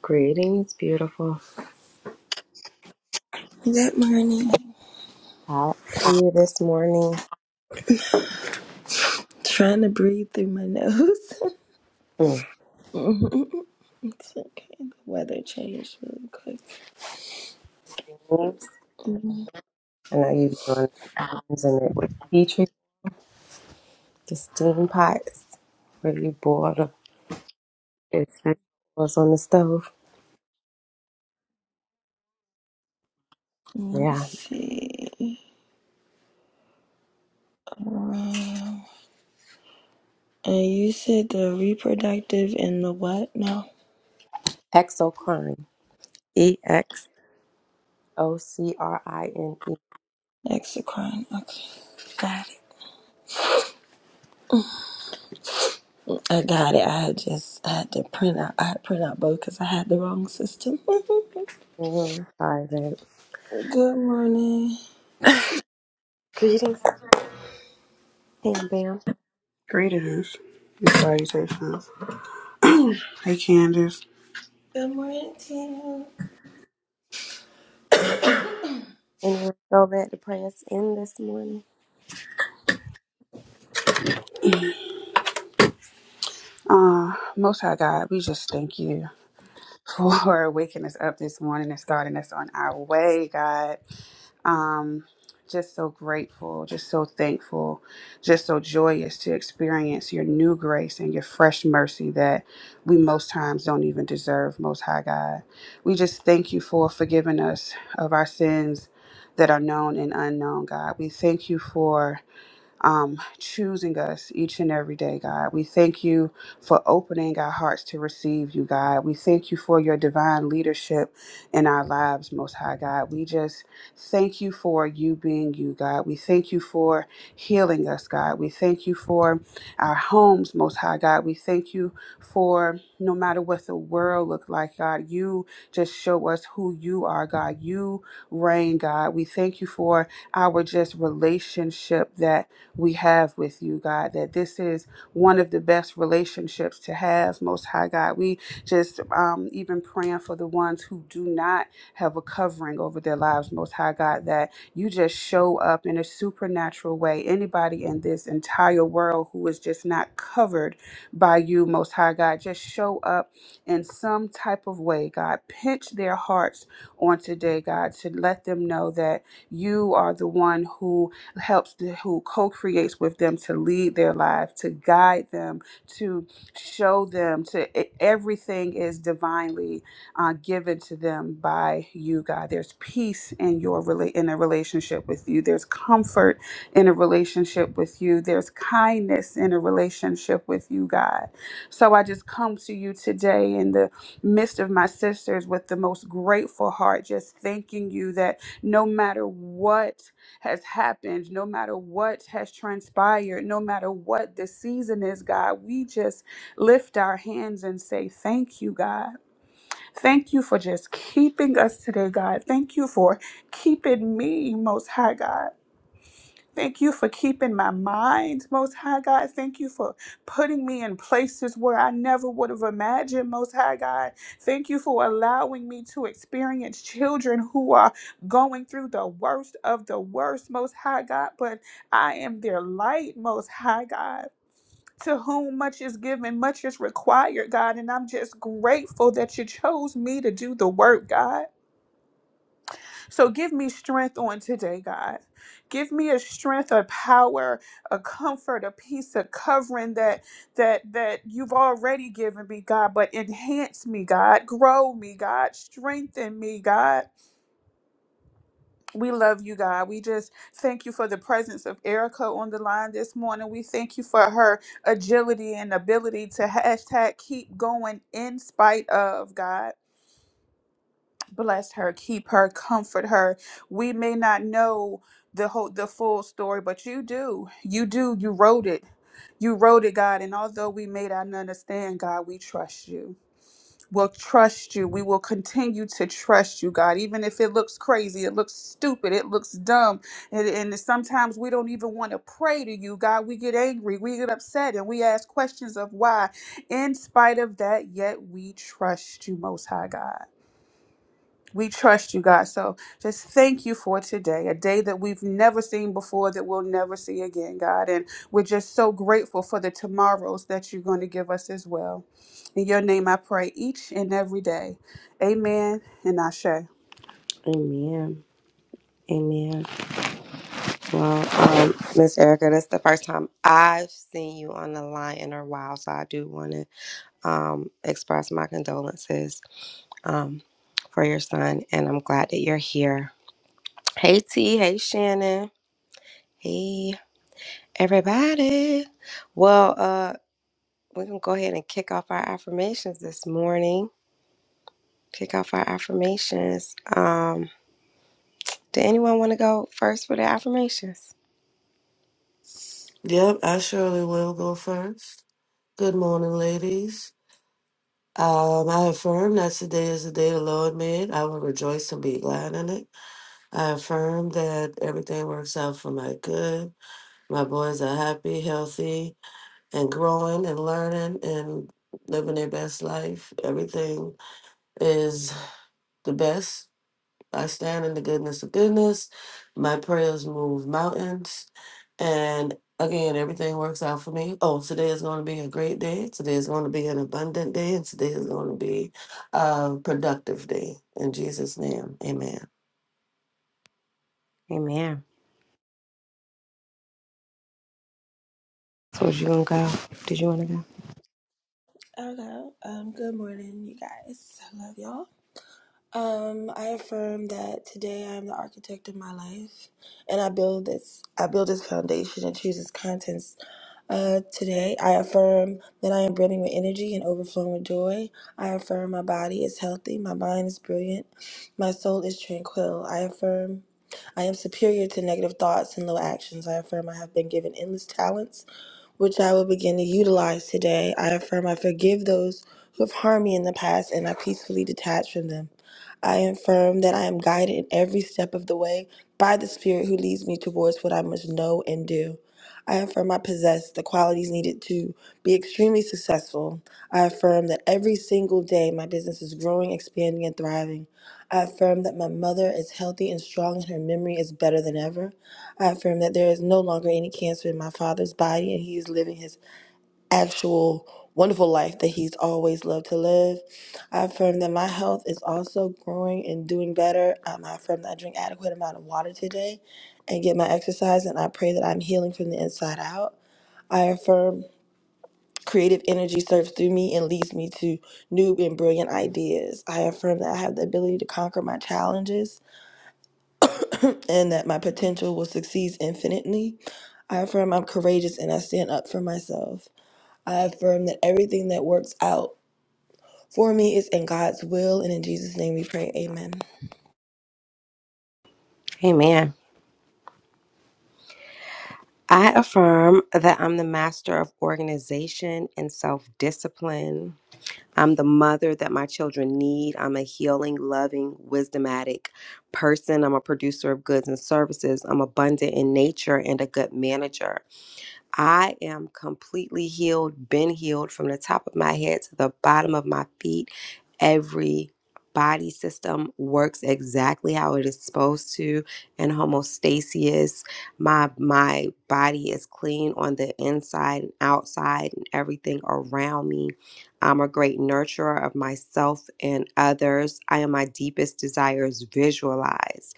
Greetings, beautiful. Good morning. How are you this morning? Trying to breathe through my nose. Mm. Mhm. it's okay. The weather changed really quick. James, Mhm. I know you be doing things and it with Dietrich, the steam pots, where you boil the vegetables on the stove. Let me Yeah, see. Um, and you said the reproductive and the what? No. exocrine. E X O C R I N E. exocrine. Okay. Got it. I got it. I had just I had to print out. I had to print out both because I had the wrong system. Mhm. Sorry, babe. good morning. Greetings, Pam Bam. Greetings. And Salutations. hey, Candace. Good morning, team. Anyone feel led to pray us in this morning? Uh, Most High God, we just thank you for waking us up this morning and starting us on our way, God. Um, just so grateful, just so thankful, just so joyous to experience your new grace and your fresh mercy that we most times don't even deserve, Most High God. We just thank you for forgiving us of our sins that are known and unknown, God. We thank you for um, choosing us each and every day, God. We thank you for opening our hearts to receive you, God. We thank you for your divine leadership in our lives, Most High God. We just thank you for you being you, God. We thank you for healing us, God. We thank you for our homes, Most High God. We thank you for no matter what the world look like, God, you just show us who you are, God. You reign, God. We thank you for our just relationship that we have with you, God, that this is one of the best relationships to have, Most High God. We just um, even praying for the ones who do not have a covering over their lives, Most High God, that you just show up in a supernatural way. Anybody in this entire world who is just not covered by you, Most High God, just show up in some type of way, God. Pinch their hearts on today, God, to let them know that you are the one who helps to, who co-creates with them to lead their life, to guide them, to show them to e- everything is divinely uh, given to them by you, God. There's peace in your rela- in a relationship with you. There's comfort in a relationship with you. There's kindness in a relationship with you, God. So I just come to you today in the midst of my sisters with the most grateful heart, just thanking you that no matter what has happened, no matter what has transpired, no matter what the season is, God, we just lift our hands and say, Thank you, God. Thank you for just keeping us today, God. Thank you for keeping me, Most High God. Thank you for keeping my mind, Most High God. Thank you for putting me in places where I never would have imagined, Most High God. Thank you for allowing me to experience children who are going through the worst of the worst, Most High God. But I am their light, Most High God. To whom much is given, much is required, God. And I'm just grateful that you chose me to do the work, God. So give me strength on today, God. Give me a strength, a power, a comfort, a peace, a covering that that that you've already given me, God, but enhance me, God. Grow me, God. Strengthen me, God. We love you, God. We just thank you for the presence of Erica on the line this morning. We thank you for her agility and ability to hashtag keep going in spite of, God. bless her keep her comfort her we may not know the whole the full story but you do you do you wrote it you wrote it god and although we may not understand god we trust you we'll trust you we will continue to trust you god even if it looks crazy it looks stupid it looks dumb and, and sometimes we don't even want to pray to you god we get angry we get upset and we ask questions of why in spite of that yet we trust you most high god we trust you, God. So just thank you for today, a day that we've never seen before, that we'll never see again, God. And we're just so grateful for the tomorrows that you're going to give us as well. In your name, I pray each and every day. Amen and Ashe. Amen. Amen. Well, um, Miss Erica, this is the first time I've seen you on the line in a while, so I do want to um, express my condolences um, for your son, and I'm glad that you're here. Hey, T. Hey, Shannon. Hey, everybody. Well, uh, we're gonna go ahead and kick off our affirmations this morning. Kick off our affirmations. Um, did anyone want to go first for the affirmations? Yep, I surely will go first. Good morning, ladies. Um, I affirm that today is the day the Lord made. I will rejoice and be glad in it. I affirm that everything works out for my good. My boys are happy, healthy, and growing and learning and living their best life. Everything is the best. I stand in the goodness of goodness. My prayers move mountains. And again, everything works out for me. Oh, today is going to be a great day. Today is going to be an abundant day. And today is going to be a productive day. In Jesus' name, amen. Amen. So, was you gonna go? Did you want to go? Okay. Um. Good morning, you guys. I love y'all. Um, I affirm that today I am the architect of my life, and I build this. I build this foundation and choose its contents. Uh, today I affirm that I am brimming with energy and overflowing with joy. I affirm my body is healthy, my mind is brilliant, my soul is tranquil. I affirm I am superior to negative thoughts and low actions. I affirm I have been given endless talents which I will begin to utilize today. I affirm I forgive those who have harmed me in the past and I peacefully detach from them. I affirm that I am guided in every step of the way by the Spirit who leads me towards what I must know and do. I affirm I possess the qualities needed to be extremely successful. I affirm that every single day my business is growing, expanding, and thriving. I affirm that my mother is healthy and strong and her memory is better than ever. I affirm that there is no longer any cancer in my father's body and he is living his actual wonderful life that he's always loved to live. I affirm that my health is also growing and doing better. Um, I affirm that I drink adequate amount of water today and get my exercise and I pray that I'm healing from the inside out. I affirm creative energy serves through me and leads me to new and brilliant ideas. I affirm that I have the ability to conquer my challenges and that my potential will succeed infinitely. I affirm I'm courageous and I stand up for myself. I affirm that everything that works out for me is in God's will, and in Jesus' name we pray. Amen. Amen. I affirm that I'm the master of organization and self discipline. I'm the mother that my children need. I'm a healing, loving, wisdomatic person. I'm a producer of goods and services. I'm abundant in nature and a good manager. I am completely healed, been healed from the top of my head to the bottom of my feet. Every body system works exactly how it is supposed to and homostasis. My my body is clean on the inside and outside and everything around me. I'm a great nurturer of myself and others. I am my deepest desires visualized.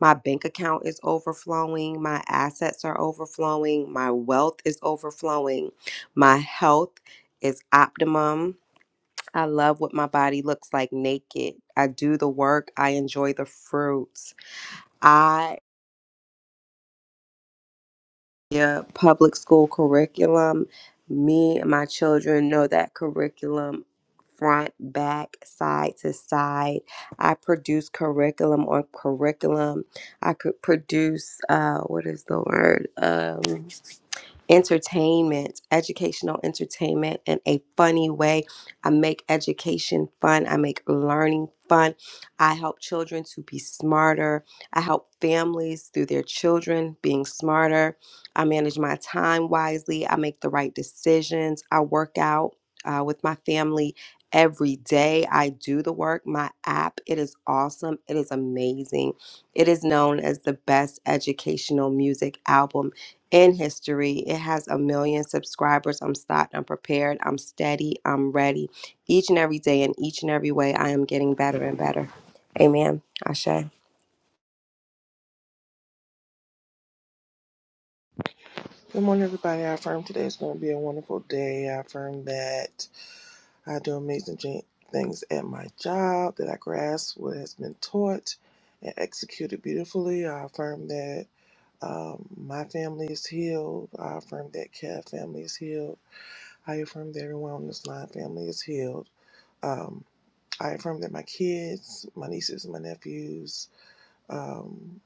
My bank account is overflowing. My assets are overflowing. My wealth is overflowing. My health is optimum. I love what my body looks like naked. I do the work. I enjoy the fruits. I. Yeah, public school curriculum. Me and my children know that curriculum front, back, side to side. I produce curriculum on curriculum. I could produce, uh, what is the word? Um, entertainment, educational entertainment in a funny way. I make education fun. I make learning fun. I help children to be smarter. I help families through their children being smarter. I manage my time wisely. I make the right decisions. I work out uh, with my family every day i do the work my app it is awesome it is amazing it is known as the best educational music album in history. It has a million subscribers. I'm stocked, I'm prepared, I'm steady, I'm ready. Each and every day, in each and every way, I am getting better and better. Amen. Ashe. Good morning, everybody. I affirm today is going to be a wonderful day. I affirm that I do amazing things at my job, that I grasp what has been taught and executed beautifully. I affirm that um, my family is healed. I affirm that Cat family is healed. I affirm that everyone on this line family is healed. Um, I affirm that my kids, my nieces, my nephews, um,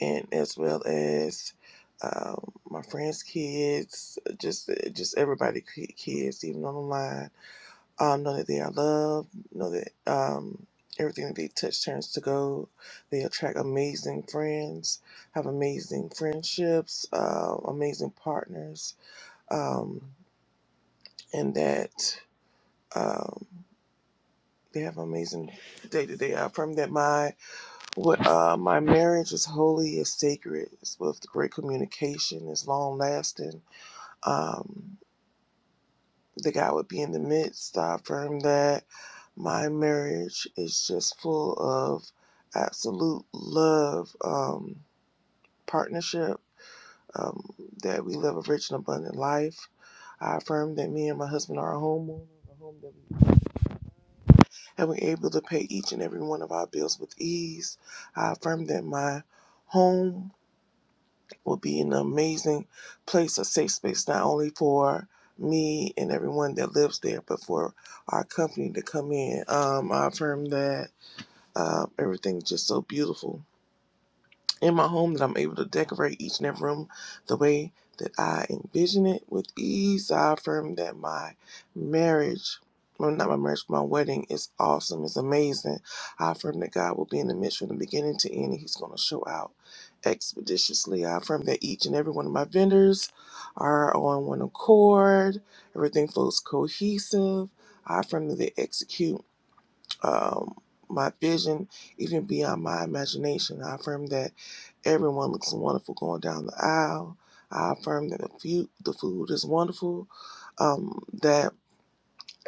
and as well as um, my friends' kids, just just everybody' ki- kids, even on the line, um, know that they are loved, know that um, everything that they touch turns to gold. They attract amazing friends, have amazing friendships, uh, amazing partners, um, and that um, they have amazing day to day. I affirm that My What, uh, my marriage is holy, is sacred. It's with great communication, it's long lasting. Um, the guy would be in the midst. I affirm that my marriage is just full of absolute love, um, partnership, um, that we live a rich and abundant life. I affirm that me and my husband are a homeowner, a home that we own, and we're able to pay each and every one of our bills with ease. I affirm that my home will be an amazing place, a safe space, not only for me and everyone that lives there, but for our company to come in. Um, I've heard that uh, everything's just so beautiful in my home that I'm able to decorate each and every room the way that I envision it with ease. I affirm that my marriage, well, not my marriage, my wedding is awesome, it's amazing. I affirm that God will be in the midst from the beginning to end, and He's going to show out expeditiously. I affirm that each and every one of my vendors are on one accord, everything flows cohesive. I affirm that they execute um, my vision, even beyond my imagination. I affirm that everyone looks wonderful going down the aisle. I affirm that the food, the food is wonderful. Um, that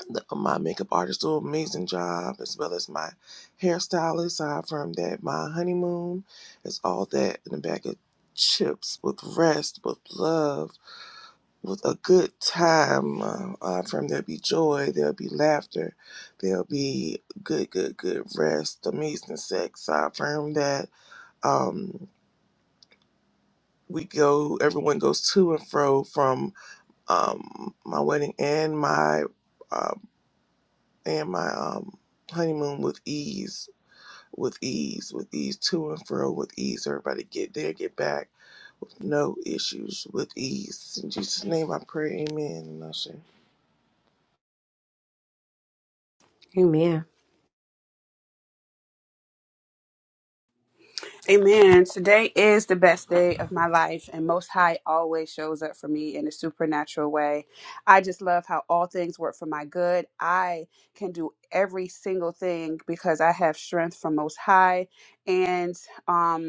the, my makeup artist do an amazing job, as well as my hairstylist. I affirm that my honeymoon is all that in a bag of chips with rest, with love with a good time. Uh, uh, from there'll be joy, there'll be laughter, there'll be good, good, good rest, amazing sex. I affirm that um, we go, everyone goes to and fro from um, my wedding and my uh, and my um, honeymoon with ease, with ease, with ease, to and fro with ease. Everybody get there, get back. with No issues with ease. In Jesus' name I pray, amen. And I say, Amen. Amen. Today is the best day of my life, and Most High always shows up for me in a supernatural way. I just love how all things work for my good. I can do every single thing because I have strength from Most High, and um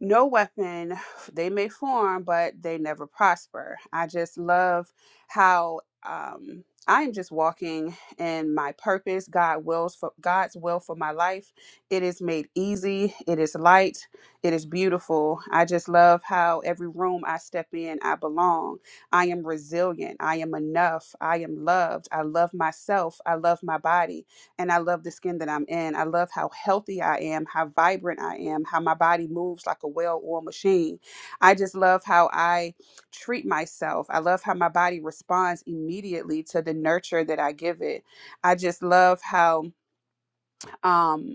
no weapon they may form, but they never prosper. I just love how um, I am just walking in my purpose. God wills for God's will for my life. It is made easy. It is light. It is beautiful. I just love how every room I step in, I belong. I am resilient. I am enough. I am loved. I love myself. I love my body and I love the skin that I'm in. I love how healthy I am, how vibrant I am, how my body moves like a well oiled machine. I just love how I treat myself. I love how my body responds immediately to the nurture that I give it. I just love how um,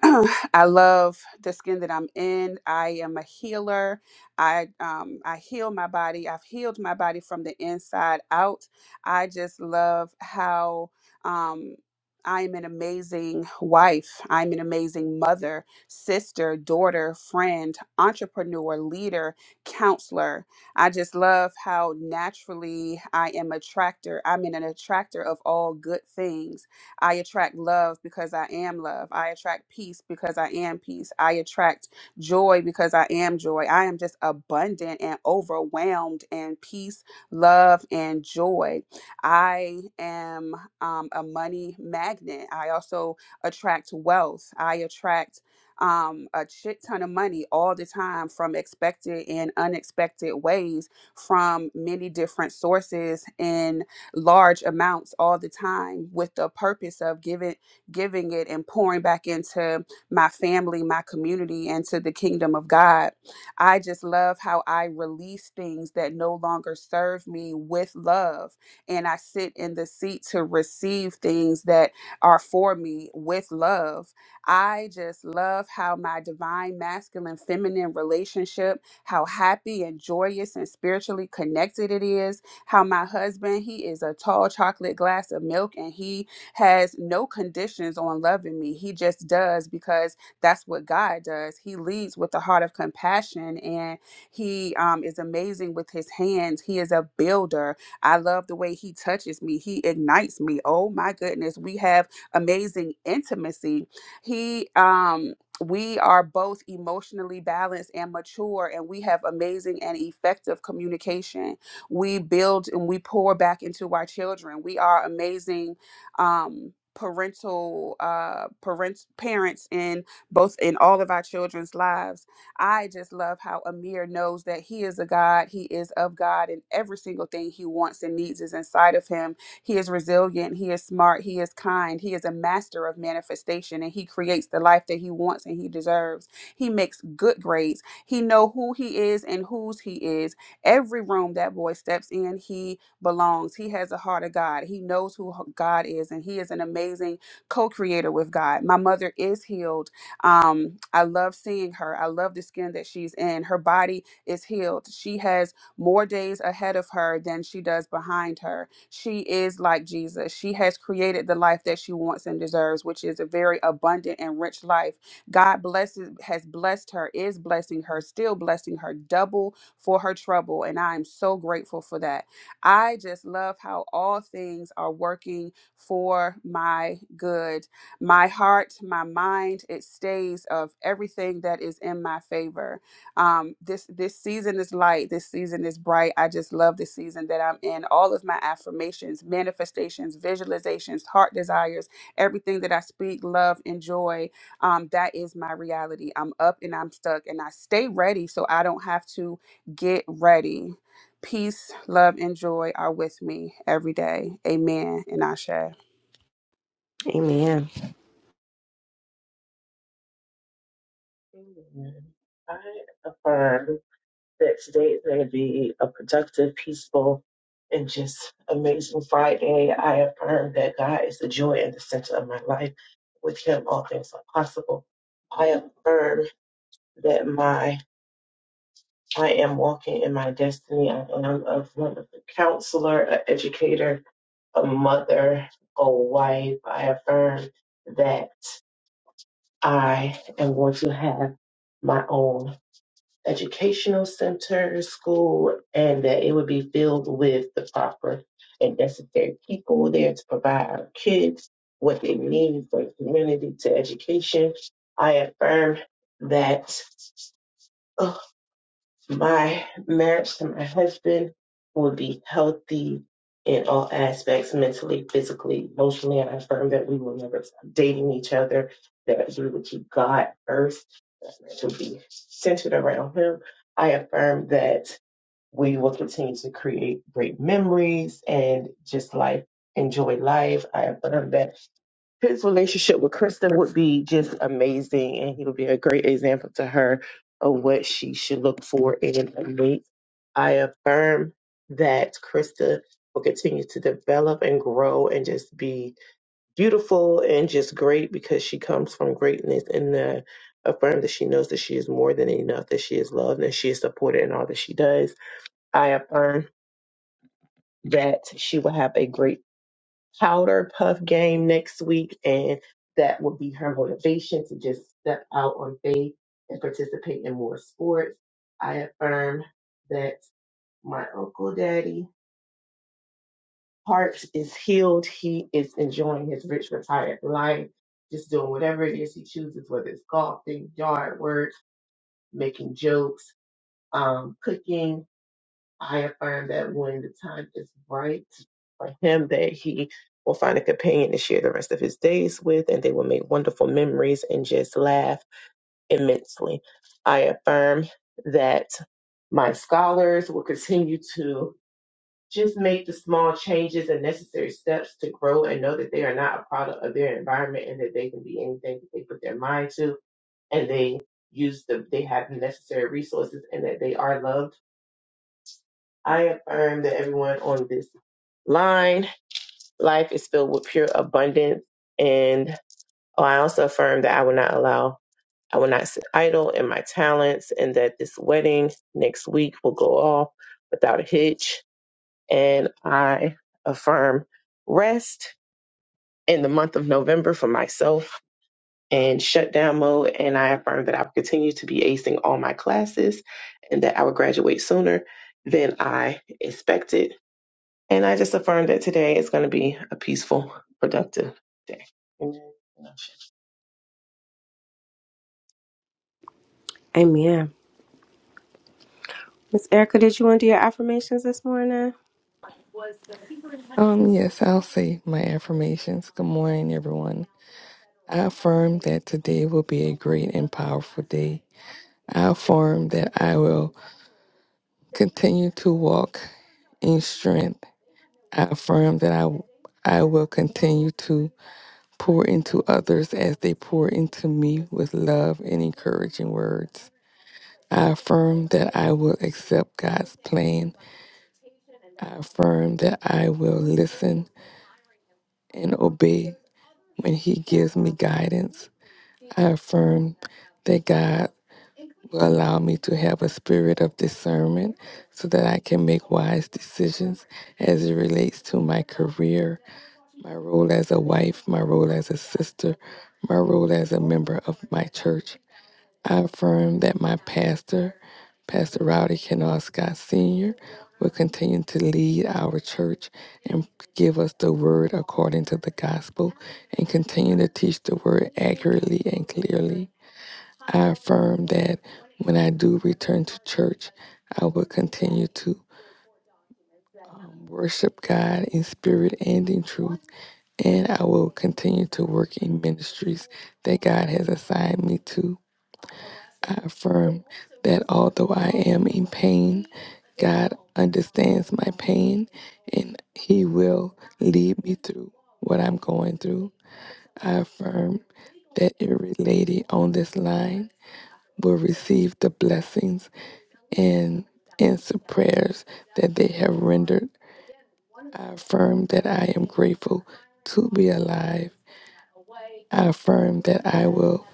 I love the skin that I'm in. I am a healer. I um I heal my body. I've healed my body from the inside out. I just love how um I am an amazing wife. I'm an amazing mother, sister, daughter, friend, entrepreneur, leader, counselor. I just love how naturally I am attractor. I'm an attractor of all good things. I attract love because I am love. I attract peace because I am peace. I attract joy because I am joy. I am just abundant and overwhelmed in peace, love, and joy. I am um, a money magnet. I also attract wealth. I attract um, a shit ton of money all the time from expected and unexpected ways from many different sources In large amounts all the time with the purpose of giving giving it and pouring back into my family, my community, and to the kingdom of God. I just love how I release things that no longer serve me with love. And I sit in the seat to receive things that are for me with love. I just love how my divine masculine feminine relationship, how happy and joyous and spiritually connected it is how my husband, he is a tall chocolate glass of milk and he has no conditions on loving me. He just does because that's what God does. He leads with a heart of compassion and he um, is amazing with his hands. He is a builder. I love the way he touches me, he ignites me. Oh my goodness, we have amazing intimacy. He, um, we are both emotionally balanced and mature, and we have amazing and effective communication we build and we pour back into our children. We are amazing um, parental uh, parents, parents in both in all of our children's lives. I just love how Amir knows that he is a God. He is of God, and every single thing he wants and needs is inside of him. He is resilient. He is smart. He is kind. He is a master of manifestation, and he creates the life that he wants and he deserves. He makes good grades. He know who he is and whose he is Every room that boy steps in, he belongs. He has a heart of God. He knows who God is, and he is an amazing co creator with God. My mother is healed. Um, I love seeing her. I love the skin that she's in. Her body is healed. She has more days ahead of her than she does behind her. She is like Jesus. She has created the life that she wants and deserves, which is a very abundant and rich life. God blesses, has blessed her, is blessing her, still blessing her double for her trouble. And I am so grateful for that. I just love how all things are working for my good. My heart, my mind, it stays of everything that is in my favor. Um, this this season is light. This season is bright. I just love the season that I'm in. All of my affirmations, manifestations, visualizations, heart desires, everything that I speak, love, and joy. Um, that is my reality. I'm up and I'm stuck, and I stay ready so I don't have to Get ready. Peace, love, and joy are with me every day. Amen. And Ashe. Amen. Amen. I affirm that today is going to be a productive, peaceful, and just amazing Friday. I affirm that God is the joy and the center of my life. With Him, all things are possible. I affirm that my I am walking in my destiny. I am a wonderful counselor, an educator, a mother, a wife. I affirm that I am going to have my own educational center, school, and that it would be filled with the proper and necessary people there to provide our kids what they need for the community to education. I affirm that oh, my marriage to my husband would be healthy in all aspects mentally, physically, emotionally. And I affirm that we will never stop dating each other, that we will keep God first, that marriage will be centered around Him. I affirm that we will continue to create great memories and just life, enjoy life. I affirm that his relationship with Kristen would be just amazing, and he would be a great example to her of what she should look for in a mate. I affirm that Krista will continue to develop and grow and just be beautiful and just great because she comes from greatness and uh, affirm that she knows that she is more than enough, that she is loved and she is supported in all that she does. I affirm that she will have a great powder puff game next week, and that will be her motivation to just step out on faith and participate in more sports. I affirm that my uncle daddy heart is healed. He is enjoying his rich retired life, just doing whatever it is he chooses, whether it's golfing, yard work, making jokes, um, cooking. I affirm that when the time is right for him, that he will find a companion to share the rest of his days with, and they will make wonderful memories and just laugh immensely. I affirm that my scholars will continue to just make the small changes and necessary steps to grow and know that they are not a product of their environment and that they can be anything that they put their mind to and they use the they have the necessary resources and that they are loved I affirm that everyone on this line. Life is filled with pure abundance. And oh, I also affirm that I will not allow, I will not sit idle in my talents, and that this wedding next week will go off without a hitch. And I affirm rest in the month of November for myself and shutdown mode. And I affirm that I will continue to be acing all my classes and that I will graduate sooner than I expected And I just affirm that today is going to be a peaceful, productive day. Amen. Amen. Miss Erica, did you want to do your affirmations this morning? Um, yes, I'll say my affirmations. Good morning, everyone. I affirm that today will be a great and powerful day. I affirm that I will continue to walk in strength. I affirm that I I will continue to pour into others as they pour into me with love and encouraging words. I affirm that I will accept God's plan. I affirm that I will listen and obey when He gives me guidance. I affirm that God will allow me to have a spirit of discernment so that I can make wise decisions as it relates to my career, my role as a wife, my role as a sister, my role as a member of my church. I affirm that my pastor, Pastor Rowdy Kennard Scott Sr., will continue to lead our church and give us the word according to the gospel and continue to teach the word accurately and clearly. I affirm that when I do return to church, I will continue to um, worship God in spirit and in truth, and I will continue to work in ministries that God has assigned me to. I affirm that although I am in pain, God understands my pain and He will lead me through what I'm going through. I affirm that every lady on this line will receive the blessings and answer prayers that they have rendered. I affirm that I am grateful to be alive. I affirm that I will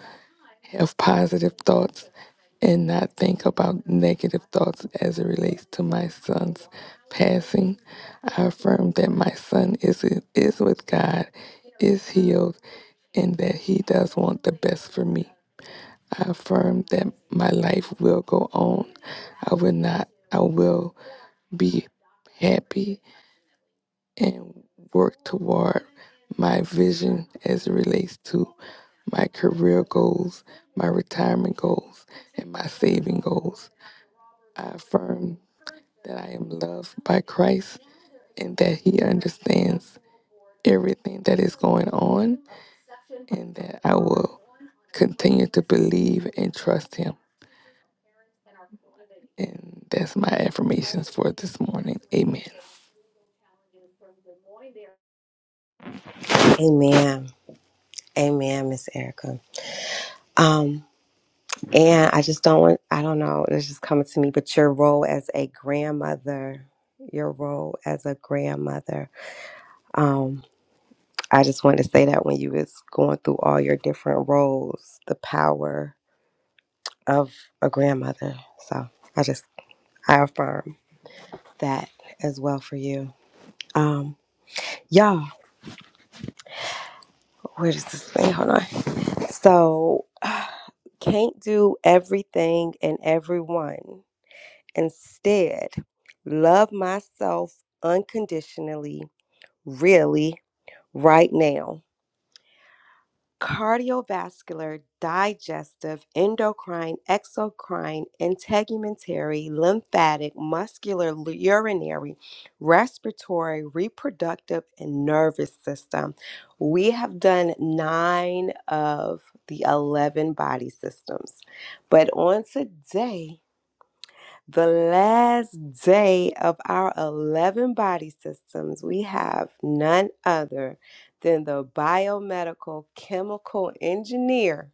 have positive thoughts and not think about negative thoughts as it relates to my son's passing. I affirm that my son is is with God, is healed, and that he does want the best for me. I affirm that my life will go on. I will not, I will be happy and work toward my vision as it relates to my career goals, my retirement goals, and my saving goals. I affirm that I am loved by Christ and that He understands everything that is going on and that I will continue to believe and trust Him. And that's my affirmations for this morning. Amen. Amen. Amen, Miss Erica. Um, and I just don't want, I don't know, it's just coming to me, but your role as a grandmother, your role as a grandmother. um, I just wanted to say that when you was going through all your different roles, the power of a grandmother. So I just I affirm that as well for you. Um, y'all, where does this thing? Hold on. So can't do everything and everyone. Instead, love myself unconditionally, really, right now. cardiovascular, digestive, endocrine, exocrine, integumentary, lymphatic, muscular, urinary, respiratory, reproductive, and nervous system. We have done nine of the 11 body systems. But on today, the last day of our 11 body systems, we have none other than the biomedical chemical engineer.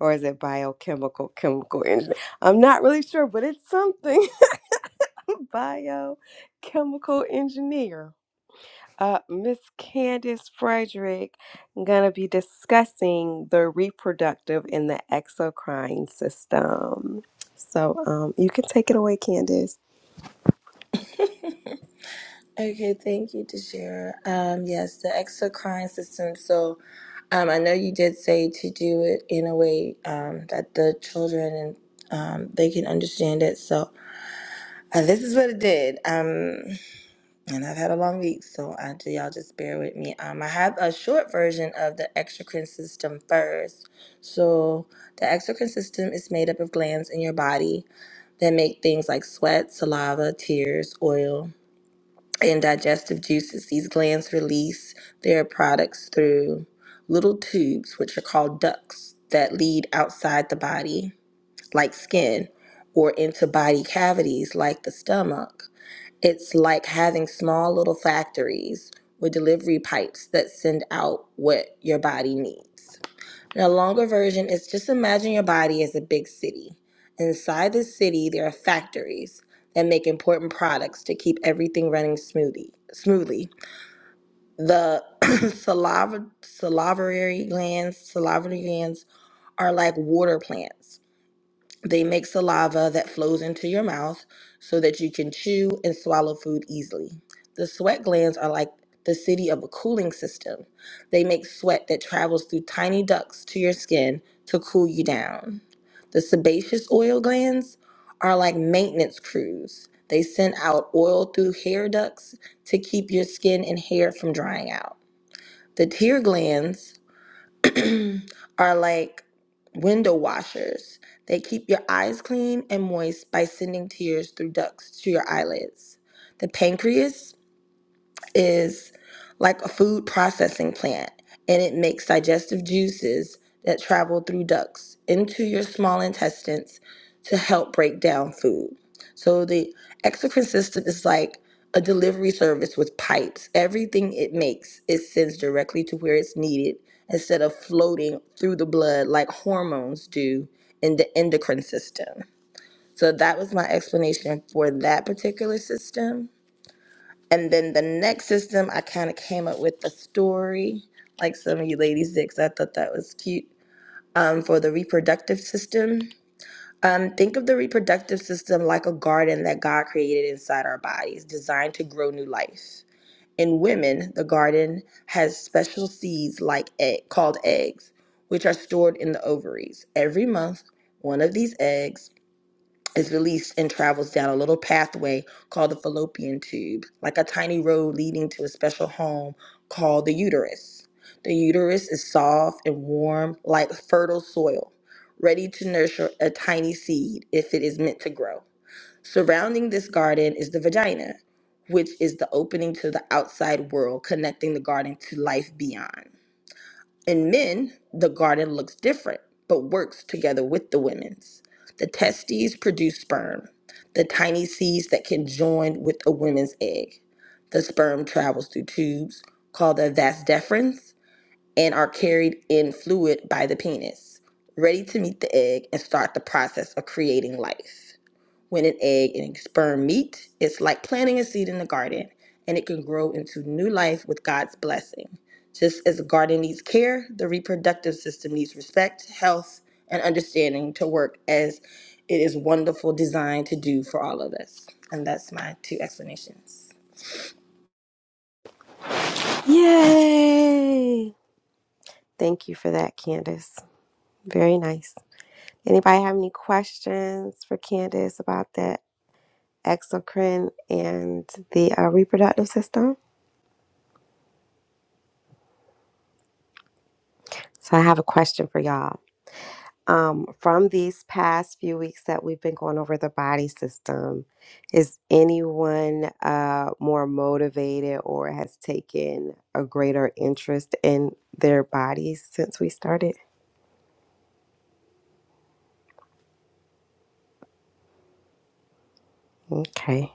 Or is it biochemical chemical engineer? I'm not really sure, but it's something biochemical engineer. Uh, Miss Candace Frederick gonna be discussing the reproductive and the exocrine system. So um, you can take it away, Candace. Okay, thank you, Deshara. Um, yes, the extra crying system. So, um, I know you did say to do it in a way um, that the children and um, they can understand it. So, uh, this is what it did. Um, And I've had a long week, so I, y'all just bear with me. Um, I have a short version of the exocrine system first. So, the exocrine system is made up of glands in your body that make things like sweat, saliva, tears, oil, and digestive juices. These glands release their products through little tubes, which are called ducts, that lead outside the body like skin or into body cavities like the stomach. It's like having small little factories with delivery pipes that send out what your body needs. And a longer version is just imagine your body as a big city. Inside this city, there are factories that make important products to keep everything running smoothly. Smoothly, the saliva, salivary glands, salivary glands are like water plants they make saliva that flows into your mouth so that you can chew and swallow food easily. The sweat glands are like the city of a cooling system. They make sweat that travels through tiny ducts to your skin to cool you down. The sebaceous oil glands are like maintenance crews. They send out oil through hair ducts to keep your skin and hair from drying out. The tear glands are like window washers. They keep your eyes clean and moist by sending tears through ducts to your eyelids. The pancreas is like a food processing plant and it makes digestive juices that travel through ducts into your small intestines to help break down food. So the exocrine system is like a delivery service with pipes. Everything it makes, it sends directly to where it's needed instead of floating through the blood like hormones do in the endocrine system. So that was my explanation for that particular system. And then the next system, I kind of came up with a story, like some of you ladies did, 'cause I thought that was cute. Um, for the reproductive system, um, think of the reproductive system like a garden that God created inside our bodies, designed to grow new life. In women, the garden has special seeds like egg, called eggs, which are stored in the ovaries. Every month, one of these eggs is released and travels down a little pathway called the fallopian tube, like a tiny road leading to a special home called the uterus. The uterus is soft and warm, like fertile soil, ready to nurture a tiny seed if it is meant to grow. Surrounding this garden is the vagina, which is the opening to the outside world, connecting the garden to life beyond. In men, the garden looks different, but works together with the women's. The testes produce sperm, the tiny seeds that can join with a woman's egg. The sperm travels through tubes called the vas deferens and are carried in fluid by the penis, ready to meet the egg and start the process of creating life. When an egg and sperm meet, it's like planting a seed in the garden, and it can grow into new life with God's blessing. Just as the garden needs care, the reproductive system needs respect, health, and understanding to work as it is wonderful designed to do for all of us. And that's my two explanations. Yay! Thank you for that, Candace. Very nice. Anybody have any questions for Candace about that exocrine and the uh, reproductive system? So I have a question for y'all. Um, from these past few weeks that we've been going over the body system, is anyone uh, more motivated or has taken a greater interest in their bodies since we started? Okay.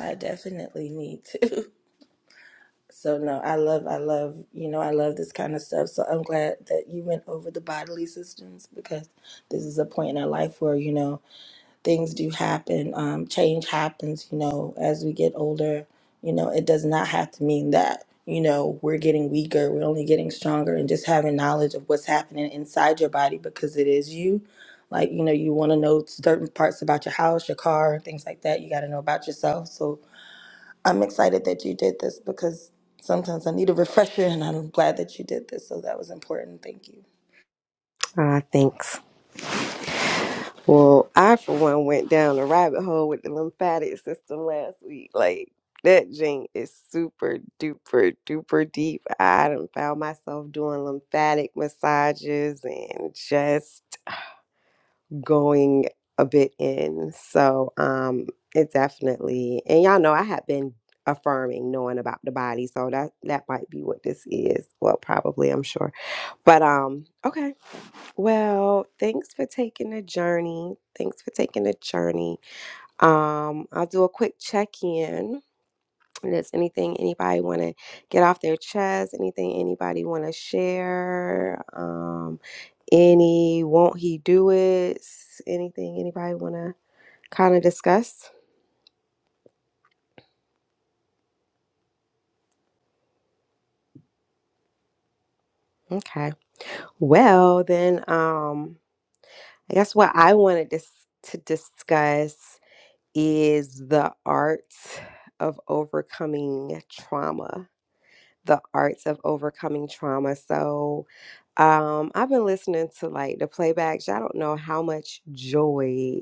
I definitely need to. So no, I love, I love, you know, I love this kind of stuff. So I'm glad that you went over the bodily systems because this is a point in our life where you know. things do happen. Um, change happens, you know, as we get older. You know, it does not have to mean that, you know, we're getting weaker. We're only getting stronger and just having knowledge of what's happening inside your body because it is you. Like, you know, you want to know certain parts about your house, your car, things like that. You got to know about yourself. So I'm excited that you did this because sometimes I need a refresher and I'm glad that you did this. So that was important. Thank you. Uh, thanks. Well, I for one went down a rabbit hole with the lymphatic system last week. Like that gene is super duper duper deep. I done found myself doing lymphatic massages and just going a bit in. So um it definitely and y'all know I have been affirming knowing about the body. So that that might be what this is. Well probably I'm sure. But um okay. Well, thanks for taking the journey. Thanks for taking the journey. Um, I'll do a quick check-in. If there's anything anybody want to get off their chest, anything anybody want to share, um, any won't he do it, anything anybody want to kind of discuss? Okay. Well, then, um, I guess what I wanted to s- to discuss is the art of overcoming trauma the arts of overcoming trauma. So um, I've been listening to like the playbacks. I don't know how much joy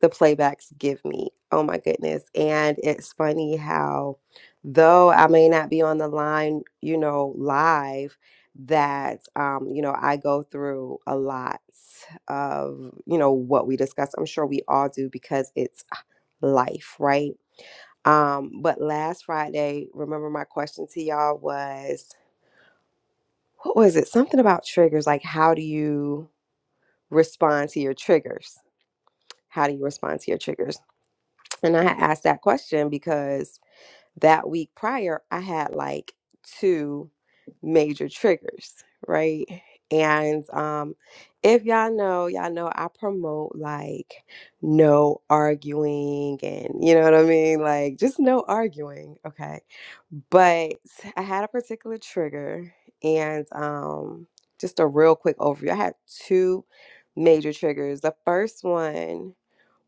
the playbacks give me. Oh my goodness. And it's funny how, though I may not be on the line, you know, live, that, um, you know, I go through a lot of, you know, what we discuss. I'm sure we all do because it's life, right? Um, but last Friday, remember my question to y'all was what was it? Something about triggers, like how do you respond to your triggers? How do you respond to your triggers? And I had asked that question because that week prior, I had like two major triggers, right? And um, if y'all know, y'all know I promote like no arguing and you know what I mean? Like just no arguing, okay? But I had a particular trigger and um, just a real quick overview. I had two major triggers. The first one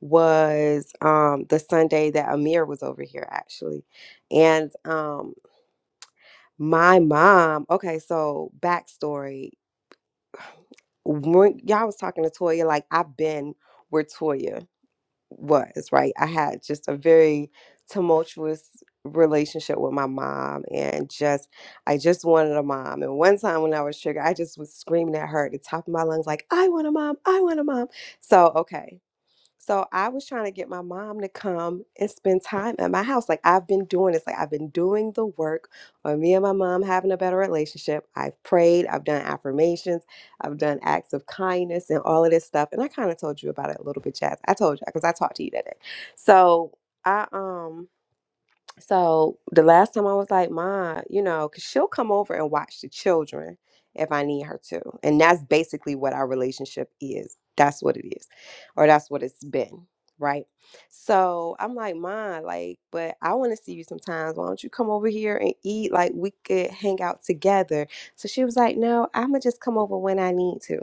was um the Sunday that Amir was over here actually. And um my mom, okay, so backstory. When y'all was talking to Toya, like I've been where Toya was, right? I had just a very tumultuous relationship with my mom and just I just wanted a mom. And one time when I was triggered, I just was screaming at her at the top of my lungs, like, I want a mom, I want a mom. So okay. So I was trying to get my mom to come and spend time at my house. Like I've been doing this, like I've been doing the work on me and my mom having a better relationship. I've prayed, I've done affirmations, I've done acts of kindness and all of this stuff. And I kind of told you about it a little bit, Jazz. I told you because I talked to you that day. So I um so the last time I was like, Ma, you know, because she'll come over and watch the children if I need her to. And that's basically what our relationship is. That's what it is, or that's what it's been. Right. So I'm like, Ma, like, but I want to see you sometimes. Why don't you come over here and eat? Like, we could hang out together. So she was like, No, I'm going to just come over when I need to.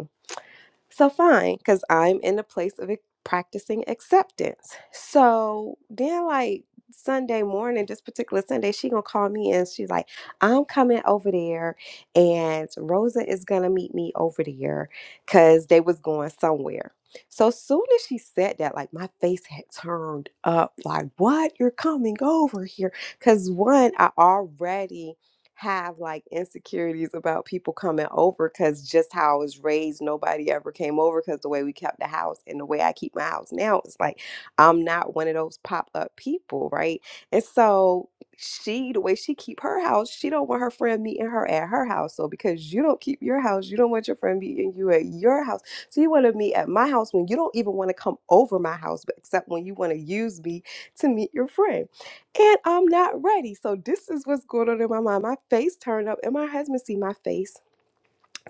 So fine, because I'm in the place of ac- practicing acceptance. So then like Sunday morning, this particular Sunday, she gonna call me and she's like, I'm coming over there and Rosa is gonna meet me over there because they was going somewhere. So soon as she said that, like my face had turned up, like, what? You're coming over here. Cause one, I already have like insecurities about people coming over because just how I was raised, nobody ever came over because the way we kept the house and the way I keep my house now it's like I'm not one of those pop up people, right? And so she, the way she keep her house, she don't want her friend meeting her at her house. So because you don't keep your house, you don't want your friend meeting you at your house. So you want to meet at my house when you don't even want to come over my house, but except when you want to use me to meet your friend and I'm not ready. So this is what's going on in my mind. My face turned up, and my husband see my face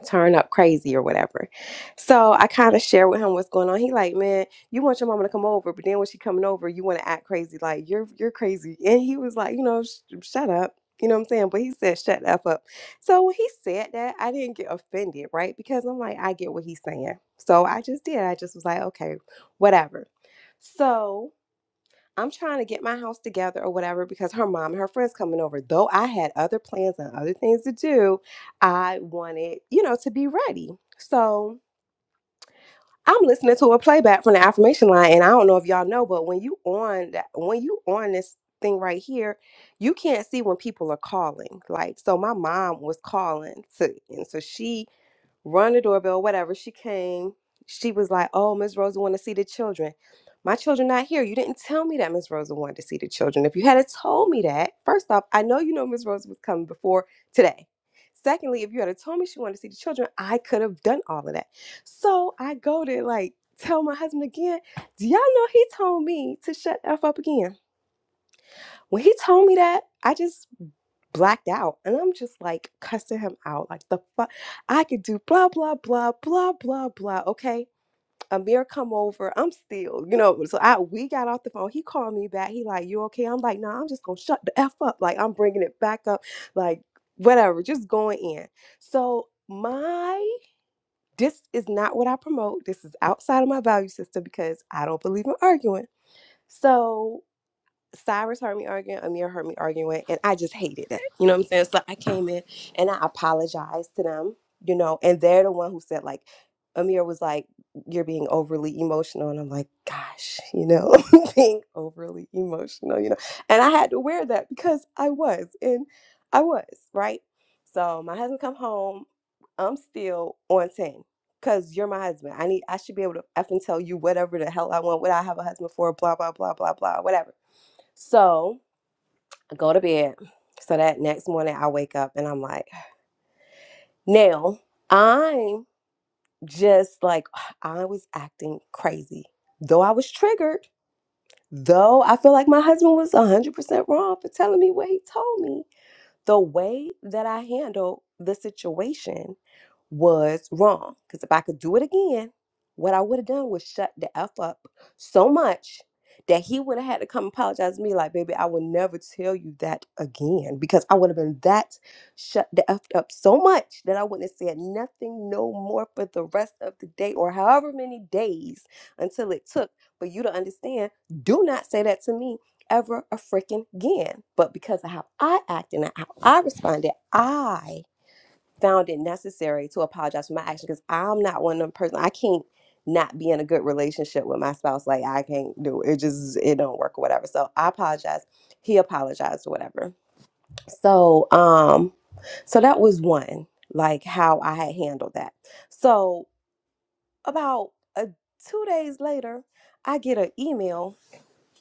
turn up crazy or whatever. So I kind of share with him what's going on. He like, man, you want your mama to come over, but then when she coming over, you want to act crazy, like you're you're crazy. And he was like, you know, sh- shut up. You know what I'm saying? But he said, shut the F up. So when he said that, I didn't get offended, right? Because I'm like, I get what he's saying. So I just did. I just was like, okay, whatever. So I'm trying to get my house together or whatever because her mom and her friends coming over. Though I had other plans and other things to do, I wanted, you know, to be ready. So I'm listening to a playback from the affirmation line, and I don't know if y'all know, but when you on that, when you on this thing right here, you can't see when people are calling. Like, so my mom was calling to, and so she Run the doorbell, whatever. She came. She was like, "Oh, Miss Rosa want to see the children. My children not here. You didn't tell me that Miss Rosa wanted to see the children. If you had told me that, first off, I know you know Miss Rosa was coming before today. Secondly, if you had told me she wanted to see the children, I could have done all of that. So I go to like tell my husband again. Do y'all know he told me to shut the f up again? When he told me that, I just blacked out. And I'm just like cussing him out. Like the fuck I could do blah blah blah blah blah blah. Okay. Amir come over. I'm still, you know, so I we got off the phone. He called me back. He like, you okay? I'm like, nah, I'm just gonna shut the F up. Like I'm bringing it back up. Like whatever, just going in. So my this is not what I promote. This is outside of my value system because I don't believe in arguing. So Cyrus heard me arguing, Amir heard me arguing, and I just hated that. You know what I'm saying? So I came in and I apologized to them, you know, and they're the one who said, like, Amir was like, You're being overly emotional. And I'm like, Gosh, you know, being overly emotional, you know. And I had to wear that because I was, and I was, right? So my husband come home, I'm still on 10 because you're my husband. I need I should be able to effing tell you whatever the hell I want, what I have a husband for, blah, blah, blah, blah, blah, whatever. So I go to bed. So that next morning I wake up and I'm like, now I'm just like, I was acting crazy. Though I was triggered, though I feel like my husband was 100% wrong for telling me what he told me, the way that I handled the situation was wrong. Because if I could do it again, what I would have done was shut the F up so much that he would have had to come apologize to me, like, baby, I will never tell you that again. Because I would have been that shut the F up so much that I wouldn't have said nothing no more for the rest of the day or however many days until it took for you to understand. Do not say that to me ever a freaking again. But because of how I acted and how I responded, I found it necessary to apologize for my action because I'm not one of them person. I can't not be in a good relationship with my spouse. Like I can't do it. It Just it don't work or whatever. So I apologize. He apologized or whatever. So um, so that was one like how I had handled that. So about a, two days later, I get an email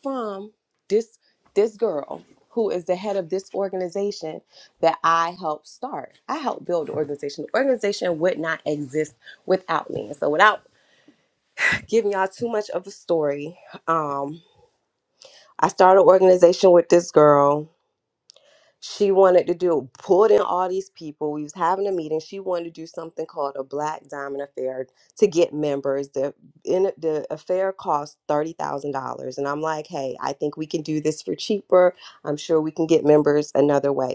from this this girl who is the head of this organization that I helped start. I helped build the organization. The organization would not exist without me. And so without giving y'all too much of a story, um, I started an organization with this girl she wanted to do pulled in all these people. We was having a meeting. She wanted to do something called a Black Diamond Affair to get members. The in the affair cost thirty thousand dollars, and I'm like, hey, I think we can do this for cheaper. I'm sure we can get members another way.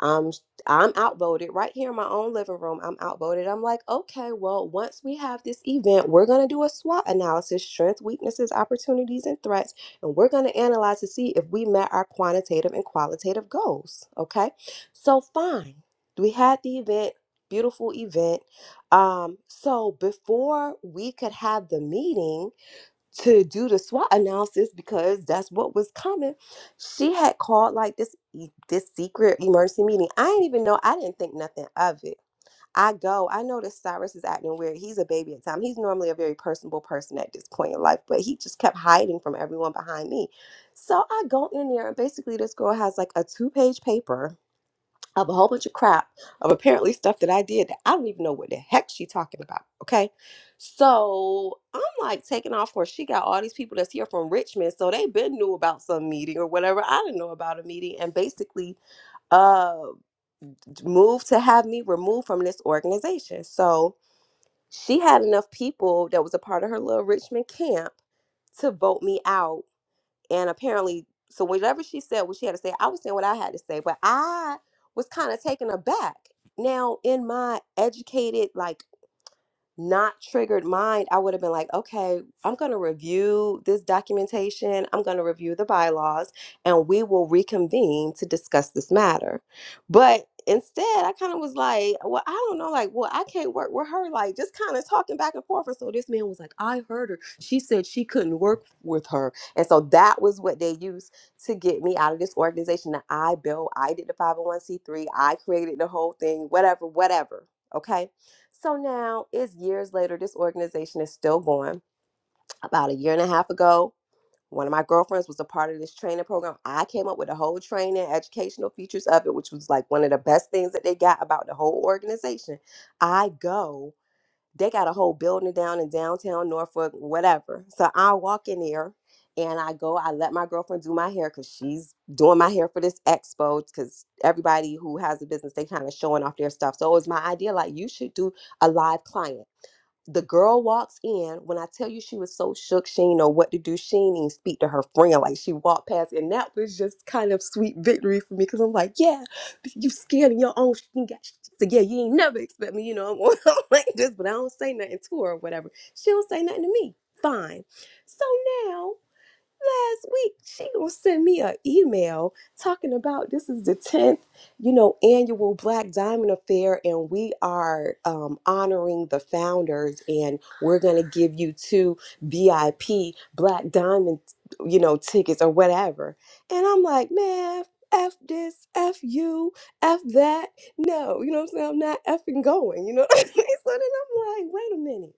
Um, sh- I'm outvoted right here in my own living room. I'm outvoted. I'm like, okay, well, once we have this event, we're going to do a SWOT analysis strengths, weaknesses, opportunities, and threats. And we're going to analyze to see if we met our quantitative and qualitative goals. Okay. So, fine. We had the event, beautiful event. Um, so, before we could have the meeting, to do the SWOT analysis because that's what was coming. She had called like this e- this secret emergency meeting. I didn't even know. I didn't think nothing of it. I go. I noticed Cyrus is acting weird. He's a baby at the time. He's normally a very personable person at this point in life, but he just kept hiding from everyone behind me. So I go in there, and basically this girl has like a two page paper of a whole bunch of crap of apparently stuff that I did that I don't even know what the heck she talking about. Okay. So I'm like taking off for she got all these people that's here from Richmond. So they been knew about some meeting or whatever. I didn't know about a meeting and basically uh moved to have me removed from this organization. So she had enough people that was a part of her little Richmond camp to vote me out and apparently so whatever she said what she had to say i was saying what i had to say but i was kind of taken aback now in my educated like not triggered mind, I would have been like, okay, I'm going to review this documentation. I'm going to review the bylaws and we will reconvene to discuss this matter. But instead, I kind of was like, well, I don't know. Like, well, I can't work with her. Like, just kind of talking back and forth. And so this man was like, I heard her. She said she couldn't work with her. And so that was what they used to get me out of this organization that I built. I did the 501c3. I created the whole thing, whatever, whatever. Okay so now it's years later. This organization is still going. About a year and a half ago, one of my girlfriends was a part of this training program. I came up with a whole training, educational features of it, which was like one of the best things that they got about the whole organization. I go, they got a whole building down in downtown Norfolk, whatever. So I walk in there and I go, I let my girlfriend do my hair because she's doing my hair for this expo. Because everybody who has a business, they kind of showing off their stuff. So it was my idea like, you should do a live client. The girl walks in. When I tell you she was so shook, she didn't know what to do. She didn't even speak to her friend. Like she walked past, and that was just kind of sweet victory for me because I'm like, yeah, you scared of your own. sh- You got sh- so yeah, you ain't never expect me, you know, I'm like this, but I don't say nothing to her or whatever. She don't say nothing to me. Fine. So now last week she gonna send me an email talking about this is the 10th you know annual black diamond affair and we are um, honoring the founders and we're gonna give you two vip black diamond you know tickets or whatever and i'm like man F this, F you, F that. No, you know what I'm saying? I'm not effing going, you know what I mean? So then I'm like, wait a minute.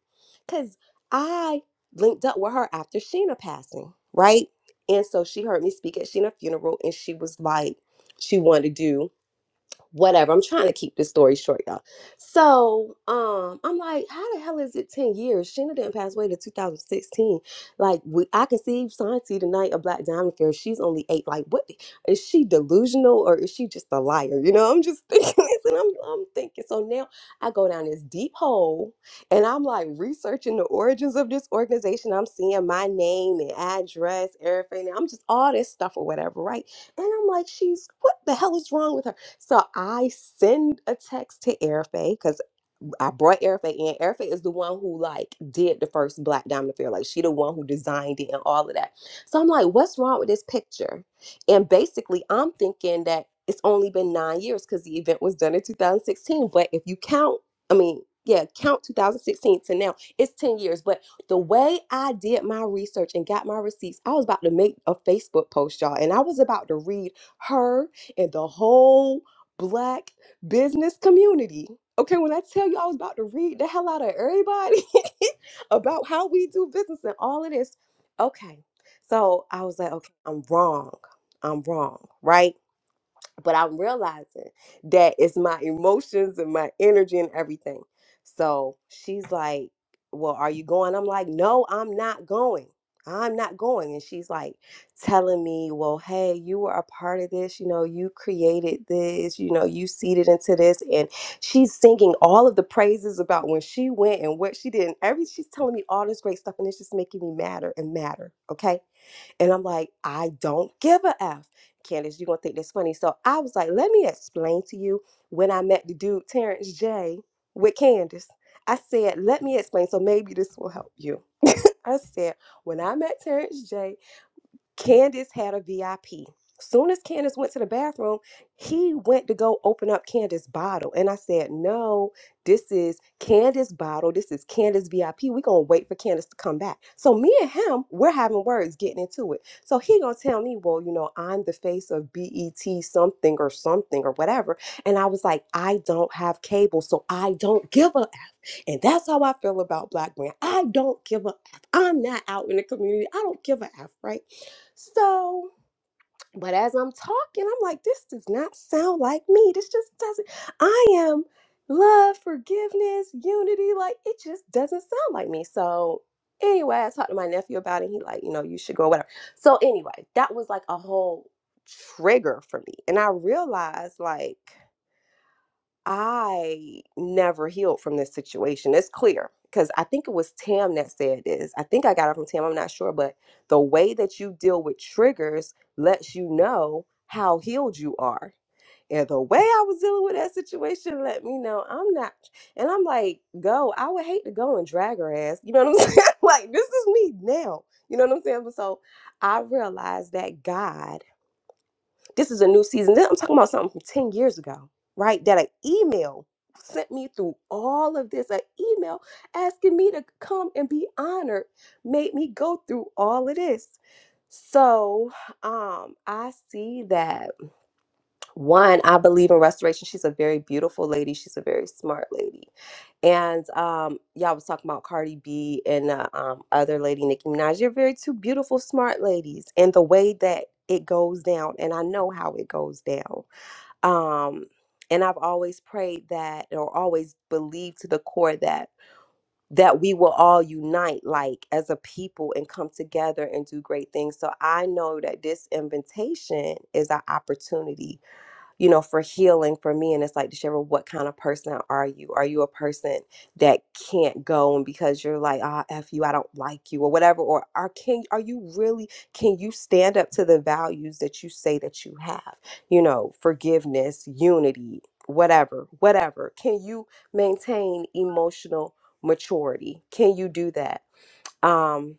Because I linked up with her after Sheena passing, right? And so she heard me speak at Sheena's funeral and she was like, she wanted to do whatever. I'm trying to keep this story short, y'all. So um, I'm like, how the hell is it 10 years? Sheena didn't pass away to 2016. Like, we, I conceived Santi the night of Black Diamond Fair. She's only eight. Like, what is she delusional or is she just a liar? You know, I'm just thinking this and I'm, I'm thinking. So now I go down this deep hole and I'm like researching the origins of this organization. I'm seeing my name and address, everything. I'm just all this stuff or whatever, right? And I'm like, she's what the hell is wrong with her? So I send a text to Airfay because I brought Erica in. Erica is the one who like did the first Black Diamond Affair. Like she the one who designed it and all of that. So I'm like, what's wrong with this picture? And basically, I'm thinking that it's only been nine years because the event was done in 2016. But if you count, I mean, yeah, count 2016 to now, it's 10 years. But the way I did my research and got my receipts, I was about to make a Facebook post, y'all, and I was about to read her and the whole Black business community Okay, when I tell you I was about to read the hell out of everybody about how we do business and all of this. Okay. So I was like, okay, I'm wrong. I'm wrong, right? but I'm realizing that it's my emotions and my energy and everything. So she's like, Well, are you going? I'm like, No, I'm not going. I'm not going. And she's like telling me, Well, hey, you were a part of this. You know, you created this. You know, you seeded into this. And she's singing all of the praises about when she went and what she did. And every, she's telling me all this great stuff. And it's just making me madder and madder. Okay. And I'm like, I don't give a F. Candace, you're gonna think that's funny. So I was like, let me explain to you when I met the dude Terrence J with Candace. I said, let me explain. So maybe this will help you. I said, when I met Terrence J, Candace had a VIP. Soon as Candace went to the bathroom, he went to go open up Candace's bottle. And I said, No, this is Candace's bottle. This is Candace VIP. We're gonna wait for Candace to come back. So me and him, we're having words getting into it. So he gonna tell me, Well, you know, I'm the face of BET something or something or whatever. And I was like, I don't have cable, so I don't give a F. And that's how I feel about black brand. I don't give a F. I'm not out in the community. I don't give a F, right? So, but as I'm talking, I'm like, this does not sound like me. This just doesn't. I am love, forgiveness, unity. Like, it just doesn't sound like me. So, anyway, I talked to my nephew about it. He, like, you know, you should go, whatever. So, anyway, that was like a whole trigger for me. And I realized, like, I never healed from this situation. It's clear because I think it was Tam that said this. I think I got it from Tam. I'm not sure, but the way that you deal with triggers lets you know how healed you are. And the way I was dealing with that situation let me know I'm not. And I'm like, go. I would hate to go and drag her ass. You know what I'm saying? like this is me now. You know what I'm saying? But so I realized that God. This is a new season. This- I'm talking about something from 10 years ago, right? That an email sent me through all of this. An email asking me to come and be honored made me go through all of this. So um I see that one, I believe in restoration. She's a very beautiful lady. She's a very smart lady. And um, y'all was talking about Cardi B and uh, um, other lady, Nicki Minaj. You're very two beautiful, smart ladies. And the way that it goes down, and I know how it goes down. Um, and I've always prayed that, or always believed to the core that that we will all unite like as a people and come together and do great things so i know that this invitation is an opportunity you know, for healing for me. And it's like, Deshera, what kind of person are you? Are you a person that can't go and because you're like, ah, F you, I don't like you or whatever? Or are can are you really can you stand up to the values that you say that you have? You know, forgiveness, unity, whatever, whatever. Can you maintain emotional maturity? Can you do that? Um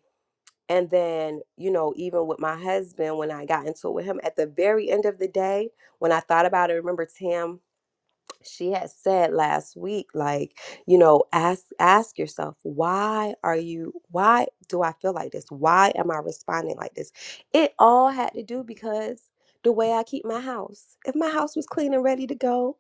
and then, you know, even with my husband, when I got into it with him at the very end of the day, when I thought about it, I remember Tam she had said last week like you know ask ask yourself why are you why do i feel like this why am i responding like this it all had to do because the way i keep my house if my house was clean and ready to go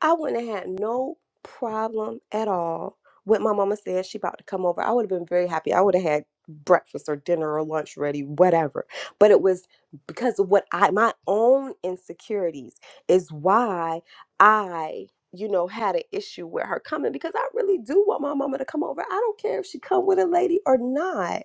i wouldn't have had no problem at all with my mama saying she about to come over i would have been very happy i would have had breakfast or dinner or lunch ready whatever but it was because of what i my own insecurities is why I, you know, had an issue with her coming because I really do want my mama to come over. I don't care if she come with a lady or not.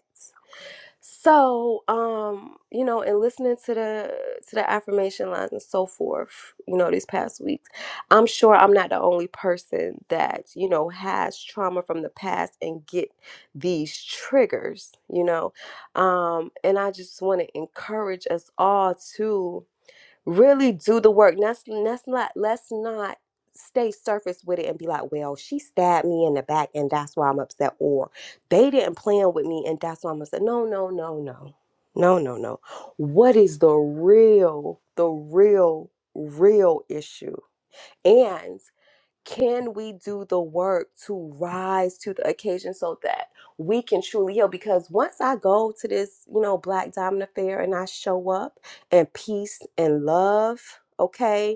So, um, you know, and listening to the to the affirmation lines and so forth, you know, these past weeks, I'm sure I'm not the only person that, you know, has trauma from the past and get these triggers, you know. Um, and I just want to encourage us all to really do the work. Let's let's not let's not stay surface with it and be like, well, she stabbed me in the back and that's why I'm upset, or they didn't plan with me and that's why I'm upset. No, no, no, no, no, no, no. What is the real, the real, real issue? And can we do the work to rise to the occasion so that we can truly heal? Because once I go to this, you know, Black Diamond Affair and I show up and peace and love, okay?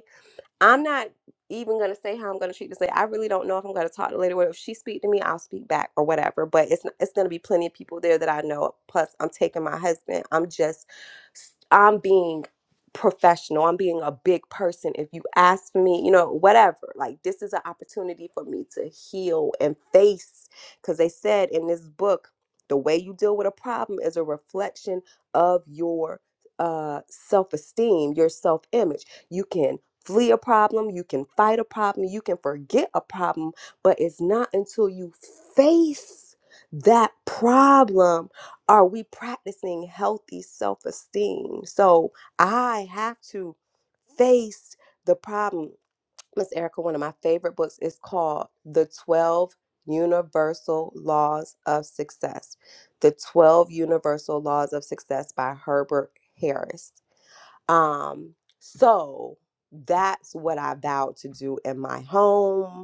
I'm not even gonna say how I'm gonna treat this lady. I really don't know if I'm gonna talk to the lady. Well, if she speak to me, I'll speak back or whatever. But it's it's gonna be plenty of people there that I know. Plus, I'm taking my husband. I'm just I'm being professional. I'm being a big person. If you ask for me, you know, whatever. Like this is an opportunity for me to heal and face. Because they said in this book, the way you deal with a problem is a reflection of your uh self-esteem, your self-image. You can flee a problem, you can fight a problem, you can forget a problem, but it's not until you face that problem are we practicing healthy self esteem. So I have to face the problem. Miss Erica, one of my favorite books is called The 12 Universal Laws of Success. The 12 Universal Laws of Success by Herbert Harris um, so that's what I vowed to do in my home